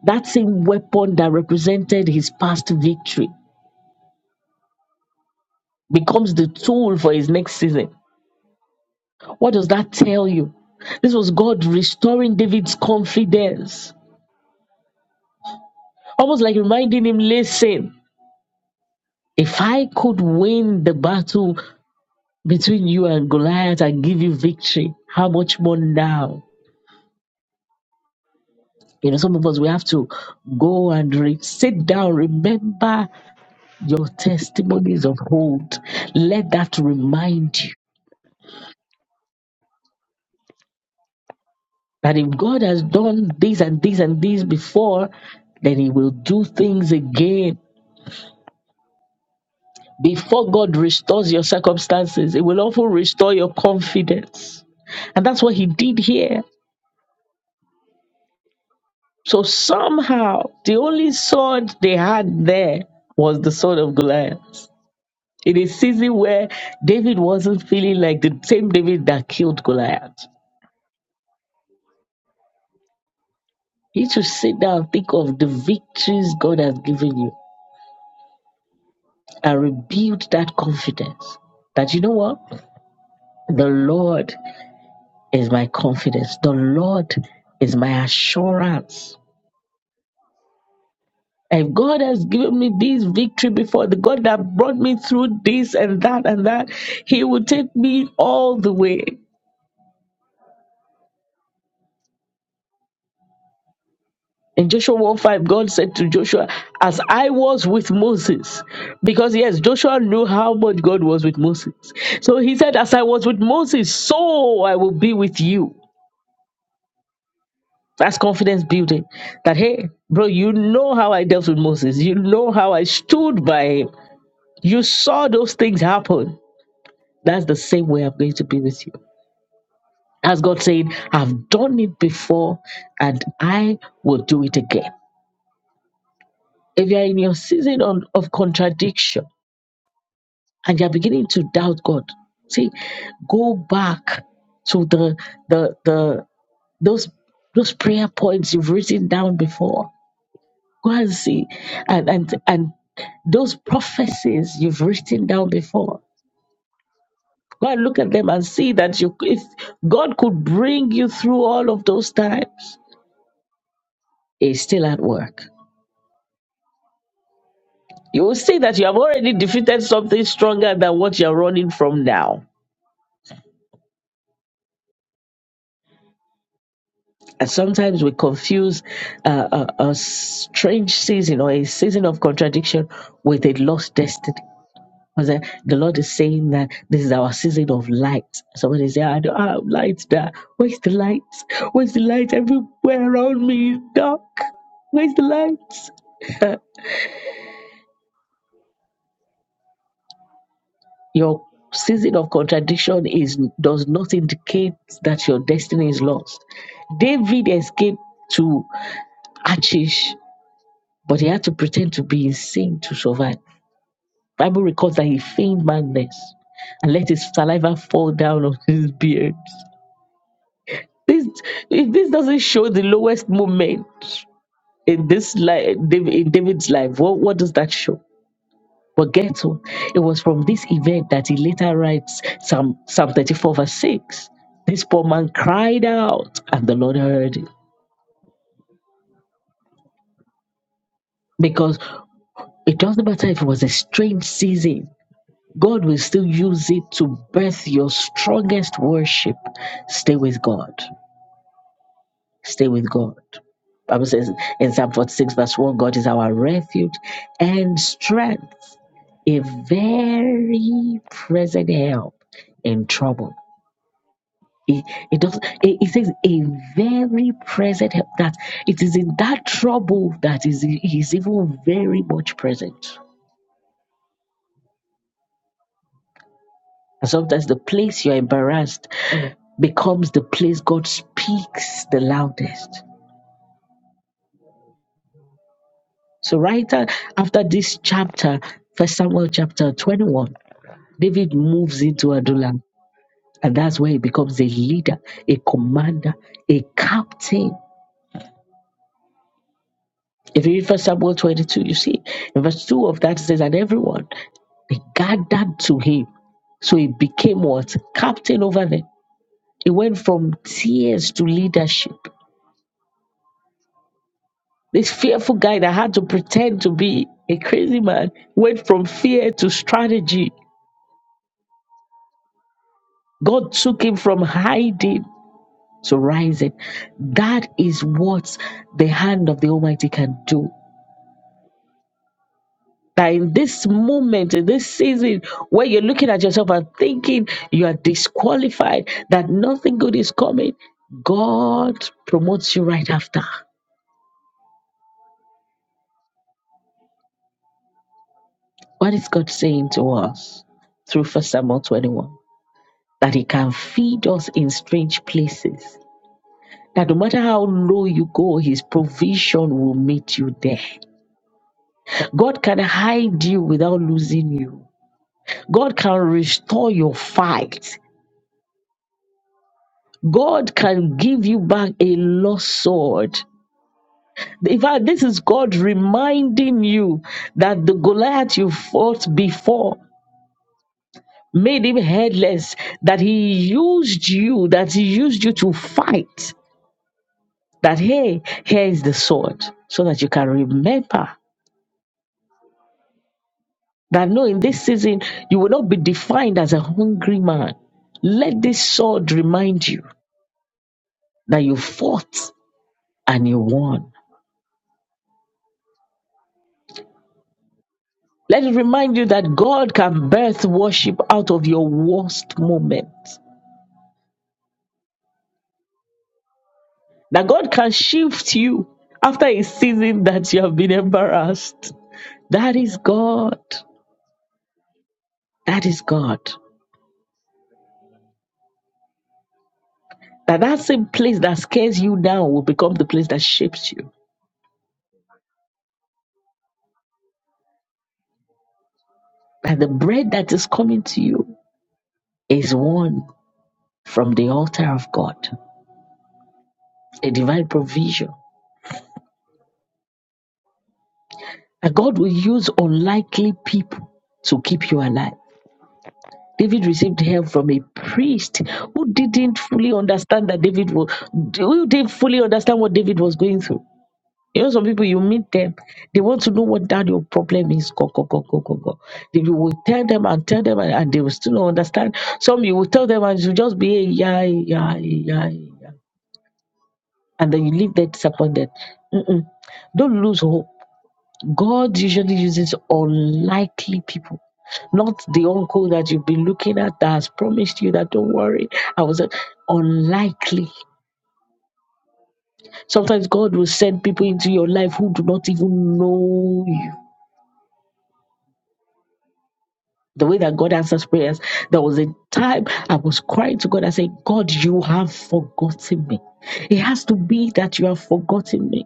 That same weapon that represented his past victory becomes the tool for his next season. What does that tell you? This was God restoring David's confidence, almost like reminding him, listen, if I could win the battle between you and Goliath and give you victory, how much more now? You know, some of us, we have to go and re- sit down, remember your testimonies of old. Let that remind you
Thank you.
that if God has done this and this and this before, then he will do things again Before God restores your circumstances, it will often restore your confidence. And that's what He did here. So somehow, the only sword they had there was the sword of Goliath. In a season where David wasn't feeling like the same David that killed Goliath, you should sit down and think of the victories God has given you and rebuild that confidence that you know what? The Lord is my confidence. The Lord is my assurance. And God has given me this victory before. The God that brought me through this and that and that, He will take me all the way. In Joshua 1 5, God said to Joshua, As I was with Moses, because yes, Joshua knew how much God was with Moses. So he said, As I was with Moses, so I will be with you. That's confidence building. That, hey, bro, you know how I dealt with Moses. You know how I stood by him. You saw those things happen. That's the same way I'm going to be with you. As God saying, I've done it before and I will do it again. If you're in your season on, of contradiction and you're beginning to doubt God, see, go back to the the the those those prayer points you've written down before. Go and see and and and those prophecies you've written down before. Go and look at them and see that you if God could bring you through all of those times, He's still at work. You will see that you have already defeated something stronger than what you're running from now. And sometimes we confuse uh, a, a strange season or a season of contradiction with a lost destiny. Because uh, the Lord is saying that this is our season of light. Somebody say, I don't have light there. Where's the light? Where's the light? Everywhere around me is dark. Where's the light? Your season of contradiction is does not indicate that your destiny is lost. David escaped to Achish, but he had to pretend to be insane to survive. Bible records that he feigned madness and let his saliva fall down on his beard. This, if this doesn't show the lowest moment in this life, in David's life, what, what does that show? But get what? It was from this event that he later writes Psalm, Psalm 34, verse 6. This poor man cried out, and the Lord heard him. Because it doesn't matter if it was a strange season, God will still use it to birth your strongest worship. Stay with God. Stay with God. Bible says in Psalm 46, verse 1, God is our refuge and strength, a very present help in trouble. It, it does. It, it says a very present help. That it is in that trouble that is he is even very much present. And sometimes the place you are embarrassed becomes the place God speaks the loudest. So right a- after this chapter, First Samuel chapter twenty-one, David moves into Adullam, and that's where he becomes a leader, a commander, a captain If you read First Samuel 22, you see in verse 2 of that it says, And everyone they gathered to him. So he became what? Captain over them. He went from tears to leadership. This fearful guy that had to pretend to be a crazy man went from fear to strategy. God took him from hiding to rising. That is what the hand of the Almighty can do. That in this moment, in this season where you're looking at yourself and thinking you are disqualified, that nothing good is coming, God promotes you right after. What is God saying to us through First Samuel 21? That He can feed us in strange places. That no matter how low you go, His provision will meet you there. God can hide you without losing you. God can restore your fight. God can give you back a lost sword. In fact, this is God reminding you that the Goliath you fought before made him headless, that he used you, that he used you to fight. That, hey, here is the sword, so that you can remember that no, in this season, you will not be defined as a hungry man. Let this sword remind you that you fought and you won. Let it remind you that God can birth worship out of your worst moment. That God can shift you after a season that you have been embarrassed. That is God. That is God. That that same place that scares you now will become the place that shapes you. That the bread that is coming to you is one from the altar of God, a divine provision. That God will use unlikely people to keep you alive. David received help from a priest who didn't fully understand that David was, who didn't fully understand what David was going through. You know, some people you meet them, they want to know what that your problem is. Go, go, go, go, go, go. They you will tell them and tell them, and, and they will still not understand. Some you will tell them, and you just be, "Eh, yeah, eh, yeah, eh, yeah, eh, yeah. And then you leave there disappointed. Mm-mm. Don't lose hope God usually uses unlikely people, not the uncle that you've been looking at that has promised you that don't worry. I was uh, unlikely. Sometimes God will send people into your life who do not even know you. The way that God answers prayers, there was a time I was crying to God. I said, God, you have forgotten me. It has to be that you have forgotten me.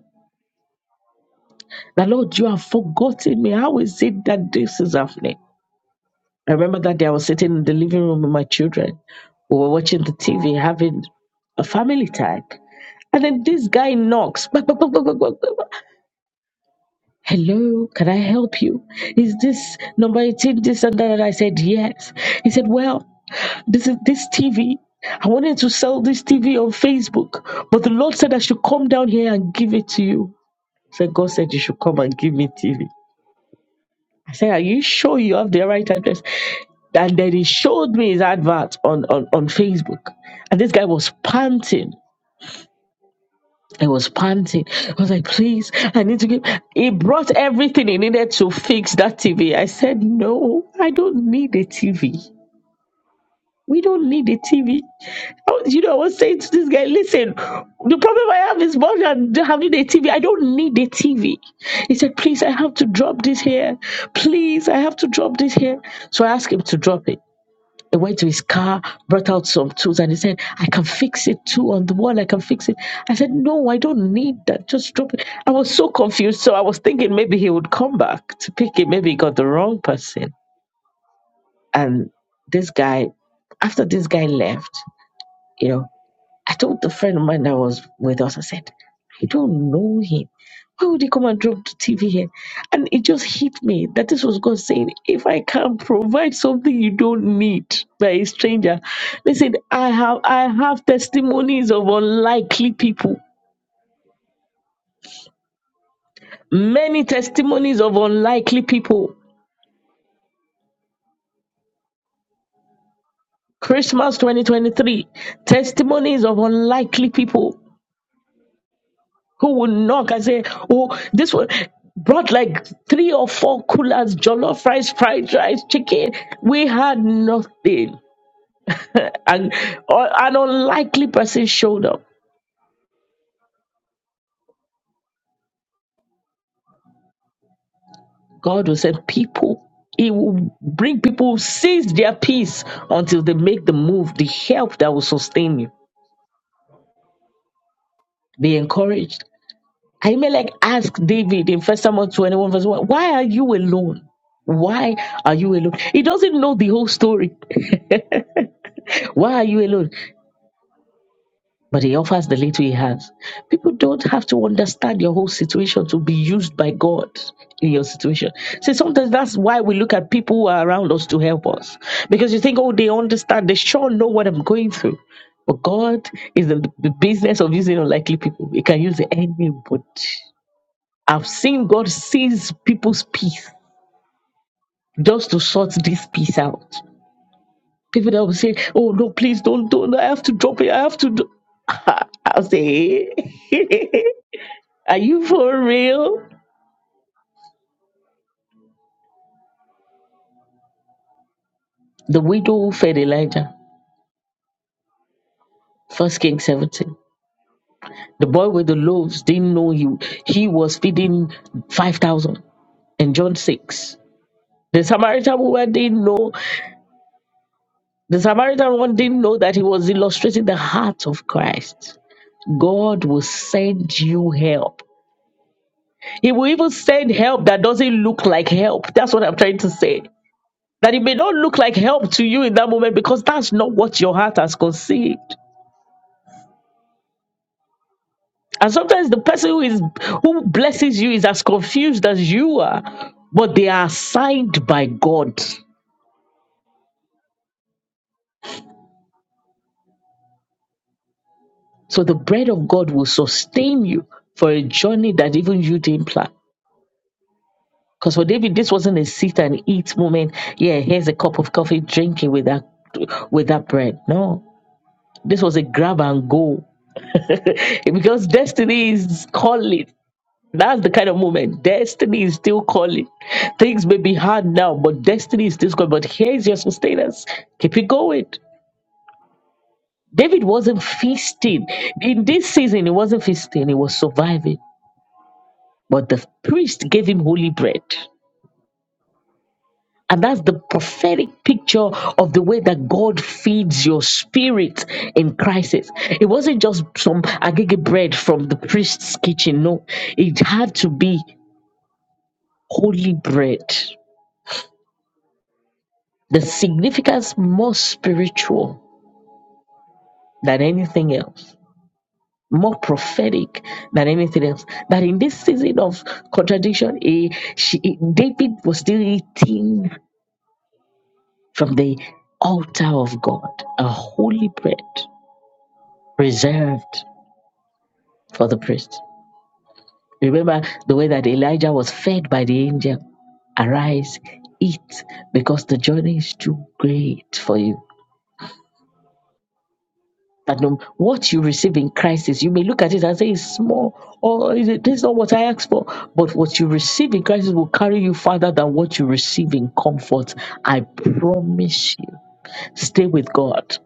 The Lord, you have forgotten me. How is it that this is happening? I remember that day I was sitting in the living room with my children. We were watching the TV, having a family time. And then this guy knocks. Bak, bak, bak, bak, bak, bak, bak. Hello, can I help you? Is this number 18 this and that? And I said, yes. He said, well, this is this TV. I wanted to sell this TV on Facebook, but the Lord said I should come down here and give it to you. So God said you should come and give me TV. I said, Are you sure you have the right address? And then he showed me his advert on, on, on Facebook. And this guy was panting. I was panting. I was like, please, I need to get. He brought everything he needed to fix that TV. I said, no, I don't need a TV. We don't need a TV. was- you know, I was saying to this guy, listen, the problem I have is more than having a TV. I don't need a TV. He said, please, I have to drop this here. Please, I have to drop this here. So I asked him to drop it. He went to his car, brought out some tools, and he said, I can fix it too on the wall. I can fix it. I said, No, I don't need that. Just drop it. I was so confused. So I was thinking maybe he would come back to pick it. Maybe he got the wrong person. And this guy, after this guy left, you know, I told the friend of mine that was with us, I said, I don't know him. Why would he come and drop the TV here? And it just hit me that this was God saying, if I can provide something you don't need by a stranger, listen, I have I have testimonies of unlikely people. Many testimonies of unlikely people. Christmas 2023, testimonies of unlikely people. who will knock and say, Oh, this one brought like three or four coolers, jollof rice, fried rice, chicken. We had nothing. and or, an unlikely person showed up. God will send people. He will bring people who seize their peace until they make the move, the help that will sustain you. They encouraged. I may like ask David in First Samuel 21, verse 1, why are you alone? Why are you alone? He doesn't know the whole story. Why are you alone? but he offers the little he has. People don't have to understand your whole situation to be used by God in your situation. See, sometimes that's why we look at people who are around us to help us. Because you think, oh, they understand, they sure know what I'm going through. But God is the, the business of using unlikely people. He can use anybody. I've seen God seize people's peace just to sort this piece out. People that will say, "Oh no, please don't, don't! I have to drop it. I have to do." I'll say, Are you for real? The widow who fed Elijah, First King 17. The boy with the loaves didn't know he, he was feeding 5,000 in John 6. The Samaritan woman didn't know, the Samaritan one didn't know that he was illustrating the heart of Christ. God will send you help. He will even send help that doesn't look like help. That's what I'm trying to say. That it may not look like help to you in that moment because that's not what your heart has conceived. And sometimes the person who is who blesses you is as confused as you are, but they are assigned by God. So the bread of God will sustain you for a journey that even you didn't plan. Because for David, this wasn't a sit and eat moment. Yeah, here's a cup of coffee drinking with that with that bread. No. This was a grab and go. Because destiny is calling. That's the kind of moment. Destiny is still calling. Things may be hard now, but destiny is still calling. But here's your sustenance. Keep it going. David wasn't feasting. In this season, he wasn't feasting, he was surviving. But the priest gave him holy bread. And that's the prophetic picture of the way that God feeds your spirit in crisis. It wasn't just some agege bread from the priest's kitchen. No, it had to be holy bread The significance more spiritual than anything else, more prophetic than anything else. That in this season of contradiction, eh, she, eh, David was still eating from the altar of God, a holy bread reserved for the priest. Remember the way that Elijah was fed by the angel arise, eat, because the journey is too great for you. that no, what you receive in Christ is, you may look at it and say it's small, or is it, this is not what I asked for. But what you receive in Christ will carry you farther than what you receive in comfort. I promise you. Stay with God.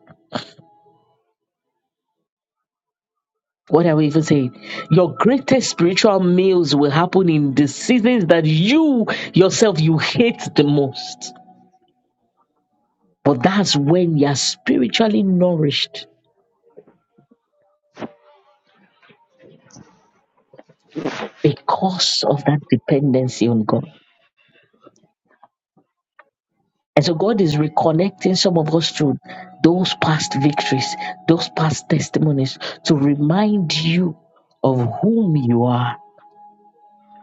What are we even saying? Your greatest spiritual meals will happen in the seasons that you yourself you hate the most. But that's when you're spiritually nourished because of that dependency on God. And so God is reconnecting some of us to those past victories, those past testimonies to remind you of whom you are.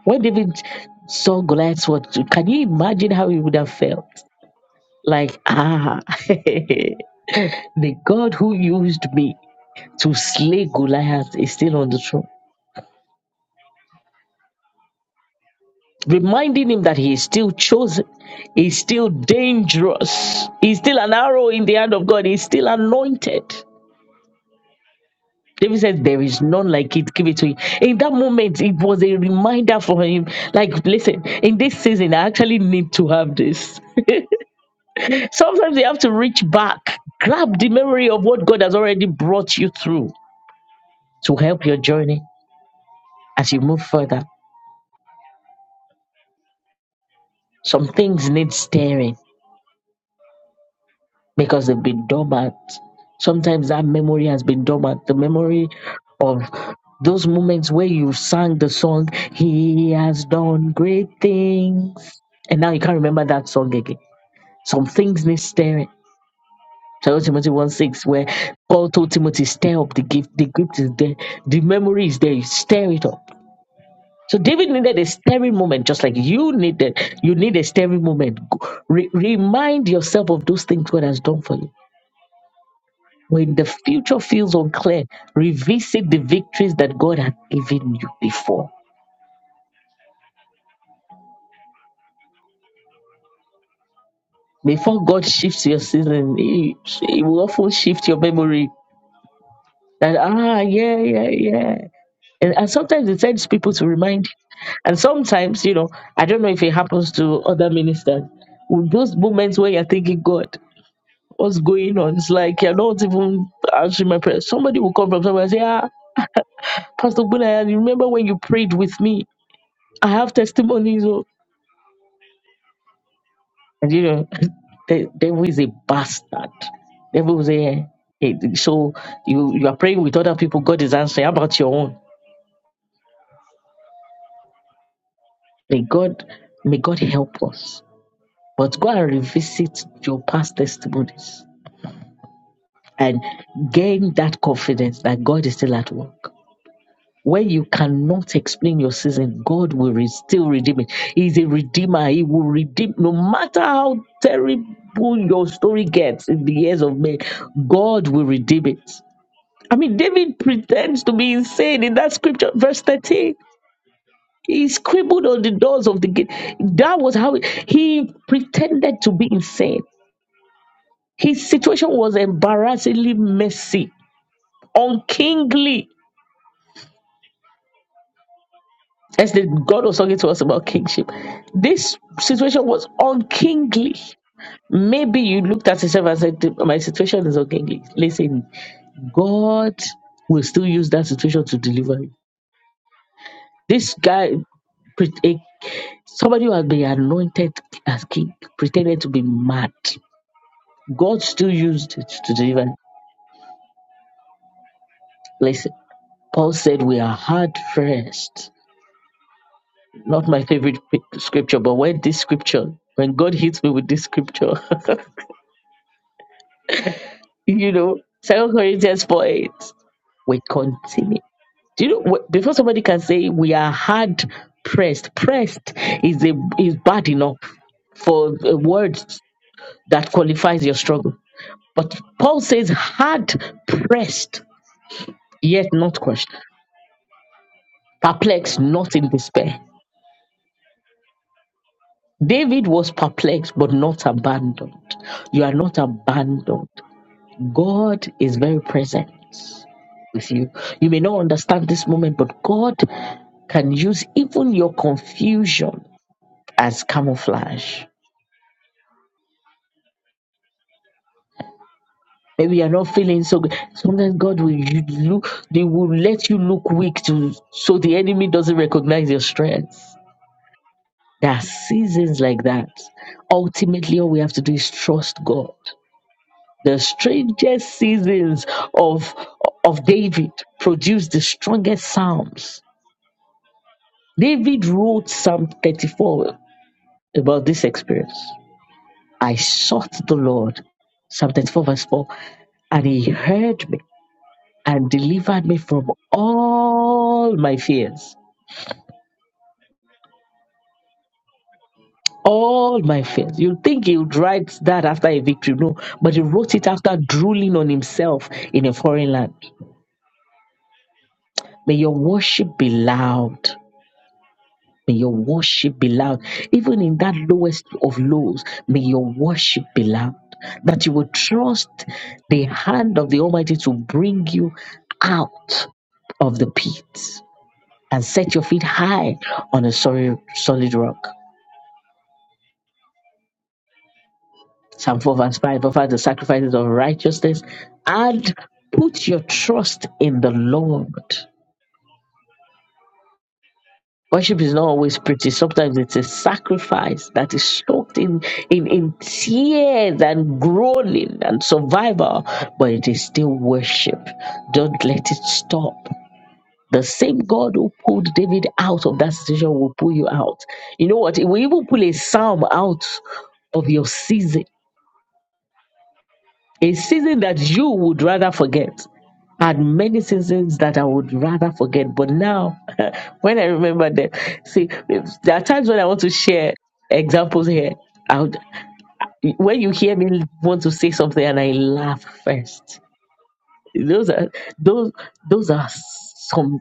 When David saw Goliath's sword, can you imagine how he would have felt? Like, ah, the God who used me to slay Goliath is still on the throne. Reminding him that he is still chosen, he's still dangerous, he's still an arrow in the hand of God, he's still anointed. David says, There is none like it, give it to him. In that moment, it was a reminder for him. Like, listen, in this season, I actually need to have this. Sometimes you have to reach back, grab the memory of what God has already brought you through to help your journey as you move further. Some things need stirring because they've been dormant. Sometimes that memory has been dormant. The memory of those moments where you sang the song, He has done great things. And now you can't remember that song again. Some things need stirring. 2 Timothy 1 6, where Paul told Timothy, Stir up the gift. The gift is there. The memory is there. Stir it up. So David needed a stirring moment, just like you needed. You need a stirring moment. Go- re- remind yourself of those things God has done for you When the future feels unclear, revisit the victories that God had given you before. Before God shifts your season, He, he will often shift your memory. That, ah, yeah, yeah, yeah. And, and sometimes it sends people to remind you. And sometimes, you know, I don't know if it happens to other ministers. With those moments where you're thinking, God, what's going on? It's like you're not even answering my prayers. Somebody will come from somewhere and say, Ah, Pastor Bunaya, you remember when you prayed with me? I have testimonies. oh." And you know, the devil is a bastard. Devil is a, a- so you you are praying with other people. God is answering. How about your own? May God may God help us. But go and revisit your past testimonies and gain that confidence that God is still at work. When you cannot explain your season, God will re- still redeem it. He's a redeemer. He will redeem no matter how terrible your story gets in the years of men. God will redeem it. I mean, David pretends to be insane in that scripture, verse 13. He scribbled on the doors of the gate. That was how he pretended to be insane. His situation was embarrassingly messy, unkingly. As the God was talking to us about kingship, this situation was unkingly. Maybe you looked at yourself and said, My situation is unkingly. Listen, God will still use that situation to deliver you. This guy Somebody who has been anointed as king pretended to be mad. God still used it to deliver. Listen, Paul said, We are hard pressed. Not my favorite pi- scripture, but when this scripture, when God hits me with this scripture, you know, Second Corinthians 4 8, we continue. Do you know, wh- before somebody can say, We are hard pressed, pressed is, a, is bad enough for a word that qualifies your struggle But Paul says, hard pressed, yet not crushed, perplexed, not in despair. David was perplexed, but not abandoned. You are not abandoned. God is very present with you. You may not understand this moment, but God can use even your confusion as camouflage. Maybe you're not feeling so good. Sometimes God will you look, they will let you look weak to so the enemy doesn't recognize your strength. There are seasons like that. Ultimately, all we have to do is trust God. The strangest seasons of, of David produced the strongest psalms. David wrote Psalm 34 about this experience. I sought the Lord, Psalm 34, verse 4, and he heard me and delivered me from all my fears. all my fears. You'd think he would write that after a victory. No, but he wrote it after drooling on himself in a foreign land. May your worship be loud. May your worship be loud. Even in that lowest of lows, may your worship be loud. That you will trust the hand of the Almighty to bring you out of the pit and set your feet high on a solid, solid rock. Psalm 4 verse 5 offer the sacrifices of righteousness and put your trust in the Lord. Worship is not always pretty. Sometimes it's a sacrifice that is soaked in, in, in tears and groaning and survival, but it is still worship. Don't let it stop. The same God who pulled David out of that situation will pull you out. You know what? It will even pull a psalm out of your season A season that you would rather forget. And many seasons that I would rather forget. But now, when I remember them, see, there are times when I want to share examples here. I would, when you hear me want to say something and I laugh first, those are those those are some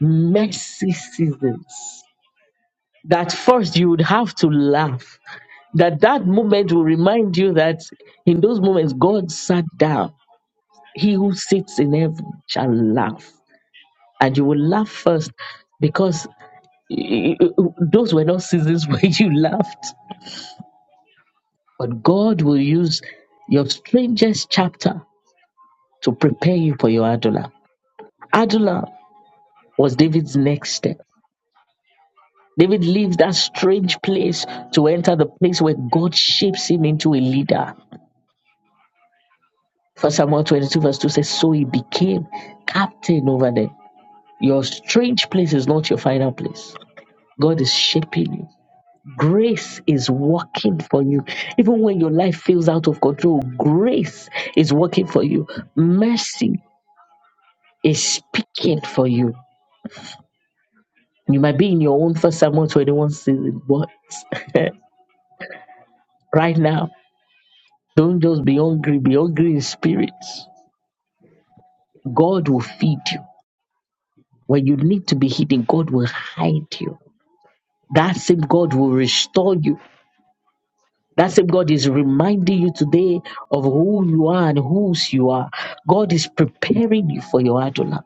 messy seasons. That first you would have to laugh. That that moment will remind you that in those moments God sat down He who sits in heaven shall laugh. And you will laugh first because y- y- those were not seasons where you laughed. But God will use your strangest chapter to prepare you for your Adullam. Adullam was David's next step. David leaves that strange place to enter the place where God shapes him into a leader. First Samuel 22, verse 2 says, So he became captain over them. Your strange place is not your final place. God is shaping you. Grace is working for you. Even when your life feels out of control, grace is working for you. Mercy is speaking for you. You might be in your own first Samuel 21 season, but right now, don't just be hungry, be hungry in spirit. God will feed you. When you need to be hidden, God will hide you. That same God will restore you. That same God is reminding you today of who you are and whose you are. God is preparing you for your Adonai.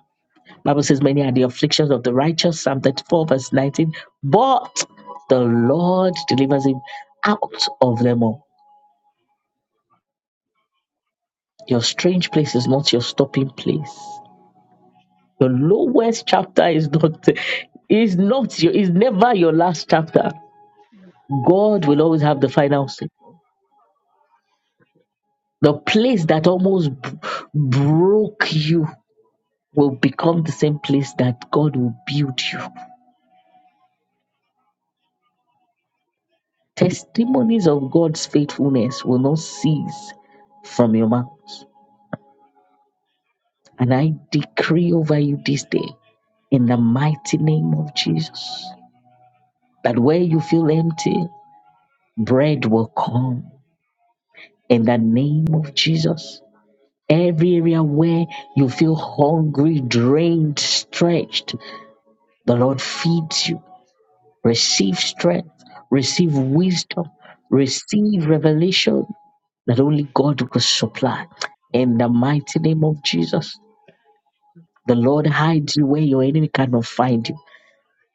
Bible says, Many are the afflictions of the righteous, Psalm 34, verse 19. But the Lord delivers him out of them all. Your strange place is not your stopping place. Your lowest chapter is not is not your is never your last chapter. God will always have the final say. The place that almost b- broke you will become the same place that God will build you. Testimonies of God's faithfulness will not cease from your mouth. And I decree over you this day, in the mighty name of Jesus, that where you feel empty, bread will come. In the name of Jesus, every area where you feel hungry, drained, stretched, the Lord feeds you. Receive strength, receive wisdom, receive revelation that only God could supply. In the mighty name of Jesus, the Lord hides you where your enemy cannot find you.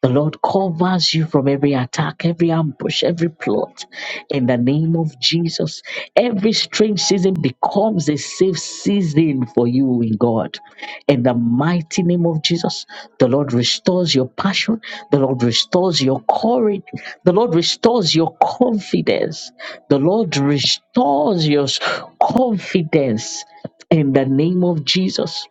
The Lord covers you from every attack, every ambush, every plot. In the name of Jesus, every strange season becomes a safe season for you in God. In the mighty name of Jesus, the Lord restores your passion. The Lord restores your courage. The Lord restores your confidence. The Lord restores your confidence in the name of Jesus.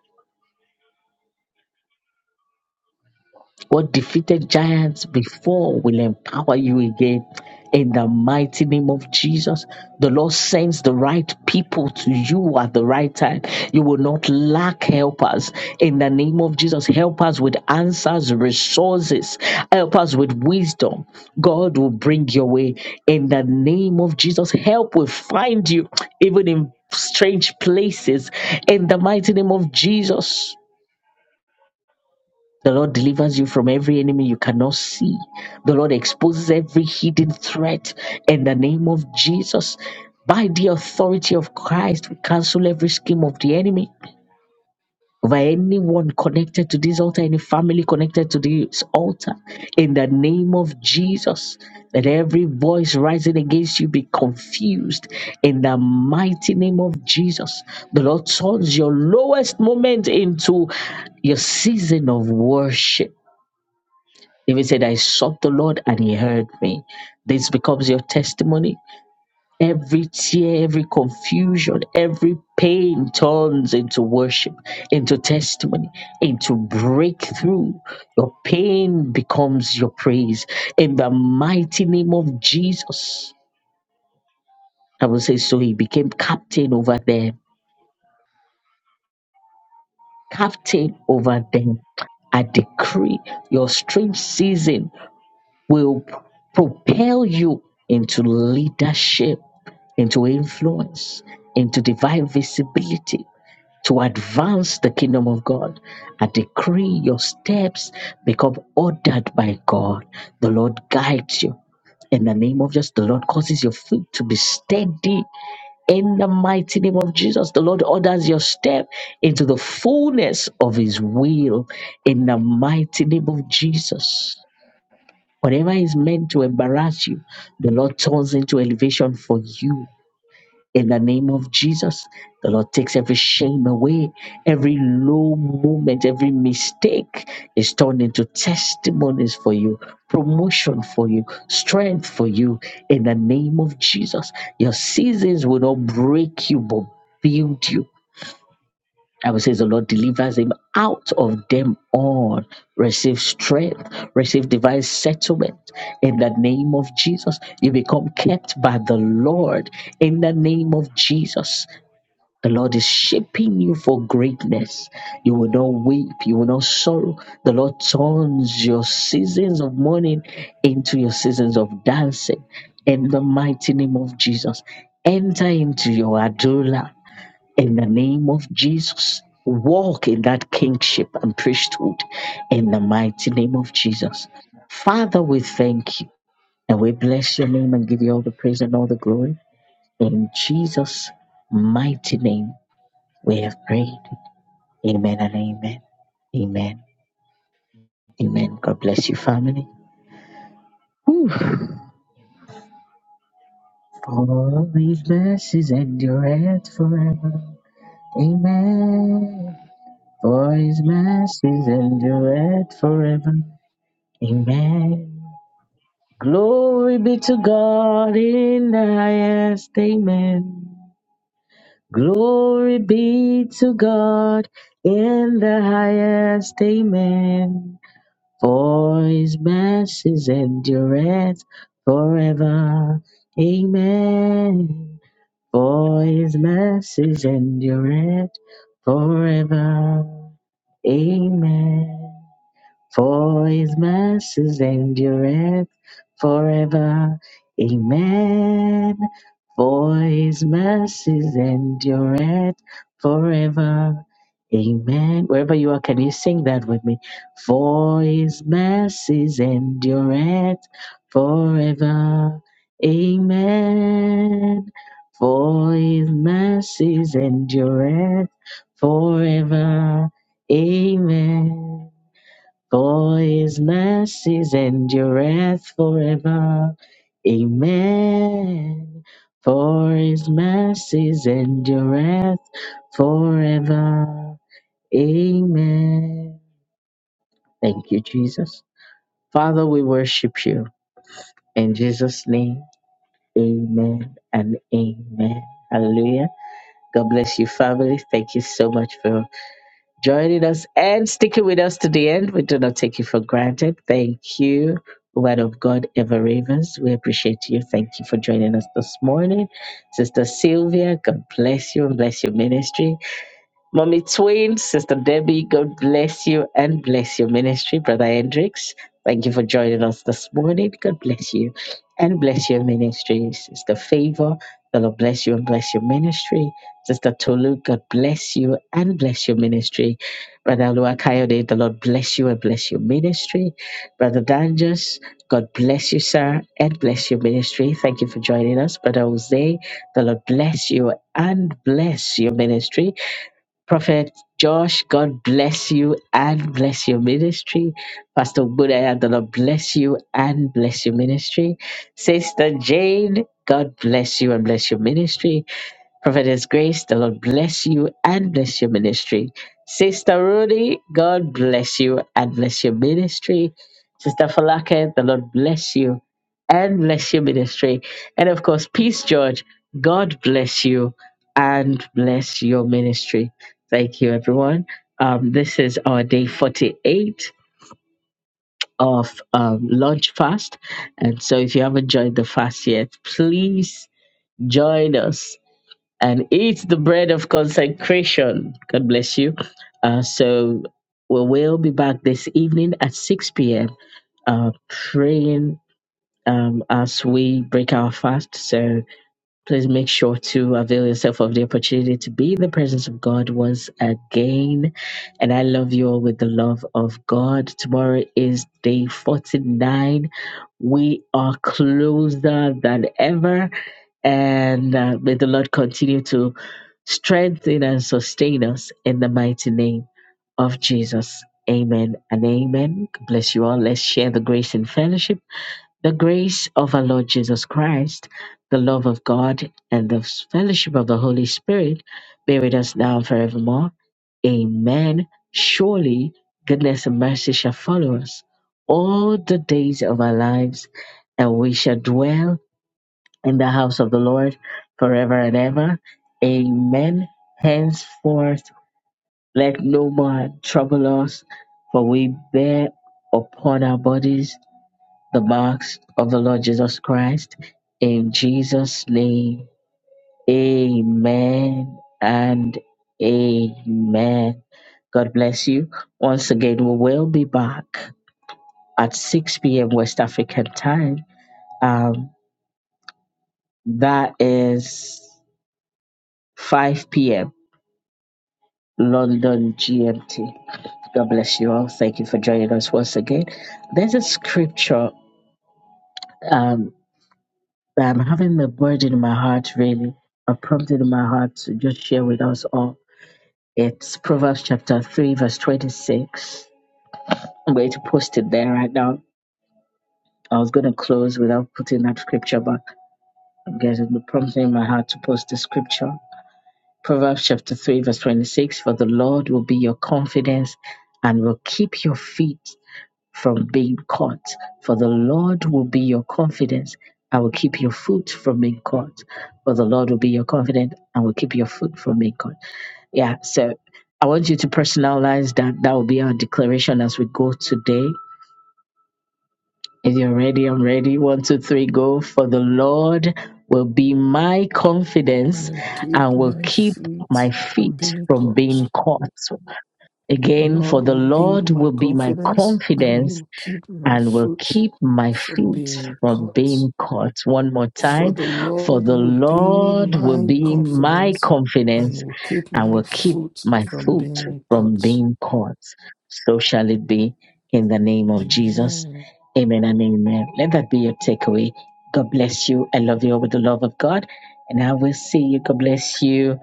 What defeated giants before will empower you again. In the mighty name of Jesus, the Lord sends the right people to you at the right time. You will not lack helpers. In the name of Jesus, help us with answers, resources, help us with wisdom. God will bring your way. In the name of Jesus, help will find you, even in strange places. In the mighty name of Jesus. The Lord delivers you from every enemy you cannot see. The Lord exposes every hidden threat in the name of Jesus. By the authority of Christ, we cancel every scheme of the enemy over anyone connected to this altar, any family connected to this altar. In the name of Jesus, let every voice rising against you be confused. In the mighty name of Jesus, the Lord turns your lowest moment into your season of worship David said, I sought the Lord and he heard me. This becomes your testimony. Every tear, every confusion, every pain turns into worship, into testimony, into breakthrough. Your pain becomes your praise. In the mighty name of Jesus. I will say, so he became captain over them, captain over them. I decree your strange season will p- propel you into leadership, into influence, into divine visibility to advance the kingdom of God. I decree your steps become ordered by God. The Lord guides you. In the name of Jesus, the Lord causes your feet to be steady. In the mighty name of Jesus, the Lord orders your step into the fullness of His will. In the mighty name of Jesus. Whatever is meant to embarrass you, the Lord turns into elevation for you. In the name of Jesus, the Lord takes every shame away, every low moment, every mistake is turned into testimonies for you, promotion for you, strength for you. In the name of Jesus, your seasons will not break you, but build you. I will say the Lord delivers him out of them all. Receive strength, receive divine settlement in the name of Jesus. You become kept by the Lord in the name of Jesus. The Lord is shaping you for greatness. You will not weep, you will not sorrow. The Lord turns your seasons of mourning into your seasons of dancing in the mighty name of Jesus. Enter into your adula in the name of Jesus. Walk in that kingship and priesthood in the mighty name of Jesus. Father, we thank you and we bless your name and give you all the praise and all the glory. In Jesus' mighty name, we have prayed. Amen and amen. Amen. Amen. God bless you, family. Whew. For his mercies endureth forever. Amen. For his mercies endureth forever. Amen. Glory be to God in the highest. Amen. Glory be to God in the highest. Amen. For his mercies endureth forever. Amen. For his mercies endureth forever. Amen. For his mercies endureth forever. Amen. For his mercies endureth forever. Amen. Wherever you are, can you sing that with me? For his mercies endureth forever. Amen. For his mercies endureth forever. Amen. For his mercies endureth forever. Amen. For his mercies endureth forever. Amen. Thank you, Jesus. Father, we worship you. In Jesus' name, amen and amen. Hallelujah. God bless you, family. Thank you so much for joining us and sticking with us to the end. We do not take you for granted. Thank you, Word of God Ever Ravens. We appreciate you. Thank you for joining us this morning. Sister Sylvia, God bless you and bless your ministry. Mommy Twain, Sister Debbie, God bless you and bless your ministry. Brother Hendricks, thank you for joining us this morning. God bless you and bless your ministry. Sister Favor, the Lord bless you and bless your ministry. Sister Tolu, God bless you and bless your ministry. Brother Luakayode, the Lord bless you and bless your ministry. Brother Danjus, God bless you, sir, and bless your ministry. Thank you for joining us. Brother Jose, the Lord bless you and bless your ministry. Prophet Josh, God bless you and bless your ministry. Pastor Budaya, the Lord bless you and bless your ministry. Sister Jane, God bless you and bless your ministry. Prophetess Grace, the Lord bless you and bless your ministry. Sister Rudy, God bless you and bless your ministry. Sister Falake, the Lord bless you and bless your ministry. And of course, Peace George, God bless you and bless your ministry. Thank you, everyone. Um, this is our day 48 of um, launch fast. And so if you haven't joined the fast yet, please join us and eat the bread of consecration. God bless you. Uh, so we will be back this evening at 6 p.m. Uh, praying um, as we break our fast. So Please make sure to avail yourself of the opportunity to be in the presence of God once again. And I love you all with the love of God. Tomorrow is day 49. We are closer than ever. And uh, may the Lord continue to strengthen and sustain us in the mighty name of Jesus. Amen and amen. God bless you all. Let's share the grace and fellowship. The grace of our Lord Jesus Christ, the love of God, and the fellowship of the Holy Spirit be with us now and forevermore. Amen. Surely goodness and mercy shall follow us all the days of our lives, and we shall dwell in the house of the Lord forever and ever. Amen. Henceforth, let no more trouble us, for we bear upon our bodies the marks of the Lord Jesus Christ. In Jesus' name, amen and amen. God bless you. Once again, we will be back at 6 p.m. West African time. Um, that is 5 p.m. London GMT. God bless you all. Thank you for joining us once again. There's a scripture. Um, that I'm having a burden in my heart, really, a prompting in my heart to just share with us all. It's Proverbs chapter 3, verse 26. I'm going to post it there right now. I was going to close without putting that scripture, but I'm getting the prompting in my heart to post the scripture. Proverbs chapter 3, verse 26 For the Lord will be your confidence and will keep your feet. from being caught. For the Lord will be your confidence and will keep your foot from being caught. For the Lord will be your confidence and will keep your foot from being caught. Yeah, so I want you to personalize that. That will be our declaration as we go today. If you're ready, I'm ready. One, two, three, go. For the Lord will be my confidence
and keep
and will
my
keep
feet
my
from
feet
being
from
caught.
being caught. Again, for
Lord
the
will be
Lord
my
will be my
confidence and he
confidence
will keep my
and will
foot
keep my
from
feet
being
from
caught.
being caught. One more
For
time.
the
For
Lord
the
will be
Lord will
my
be my
confidence and
confidence
will keep
and
my
will keep
foot
my
from
foot
being
from
caught.
being caught. So shall it be in the name of Jesus.
Amen.
Amen and amen. Let that be your takeaway. God bless you. I love you all with the love of God. And I will see you. God bless you.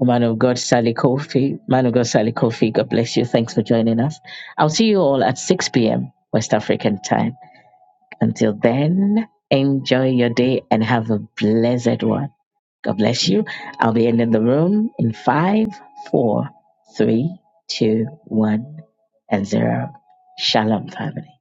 Man of God, Sally Kofi. Man of God, Sally Kofi. God bless you. Thanks for joining us. I'll see you all at 6 p.m. West African time. Until then, enjoy your day and have a blessed one. God bless you. I'll be ending the room in five, four, three, two, one, and 0. Shalom, family.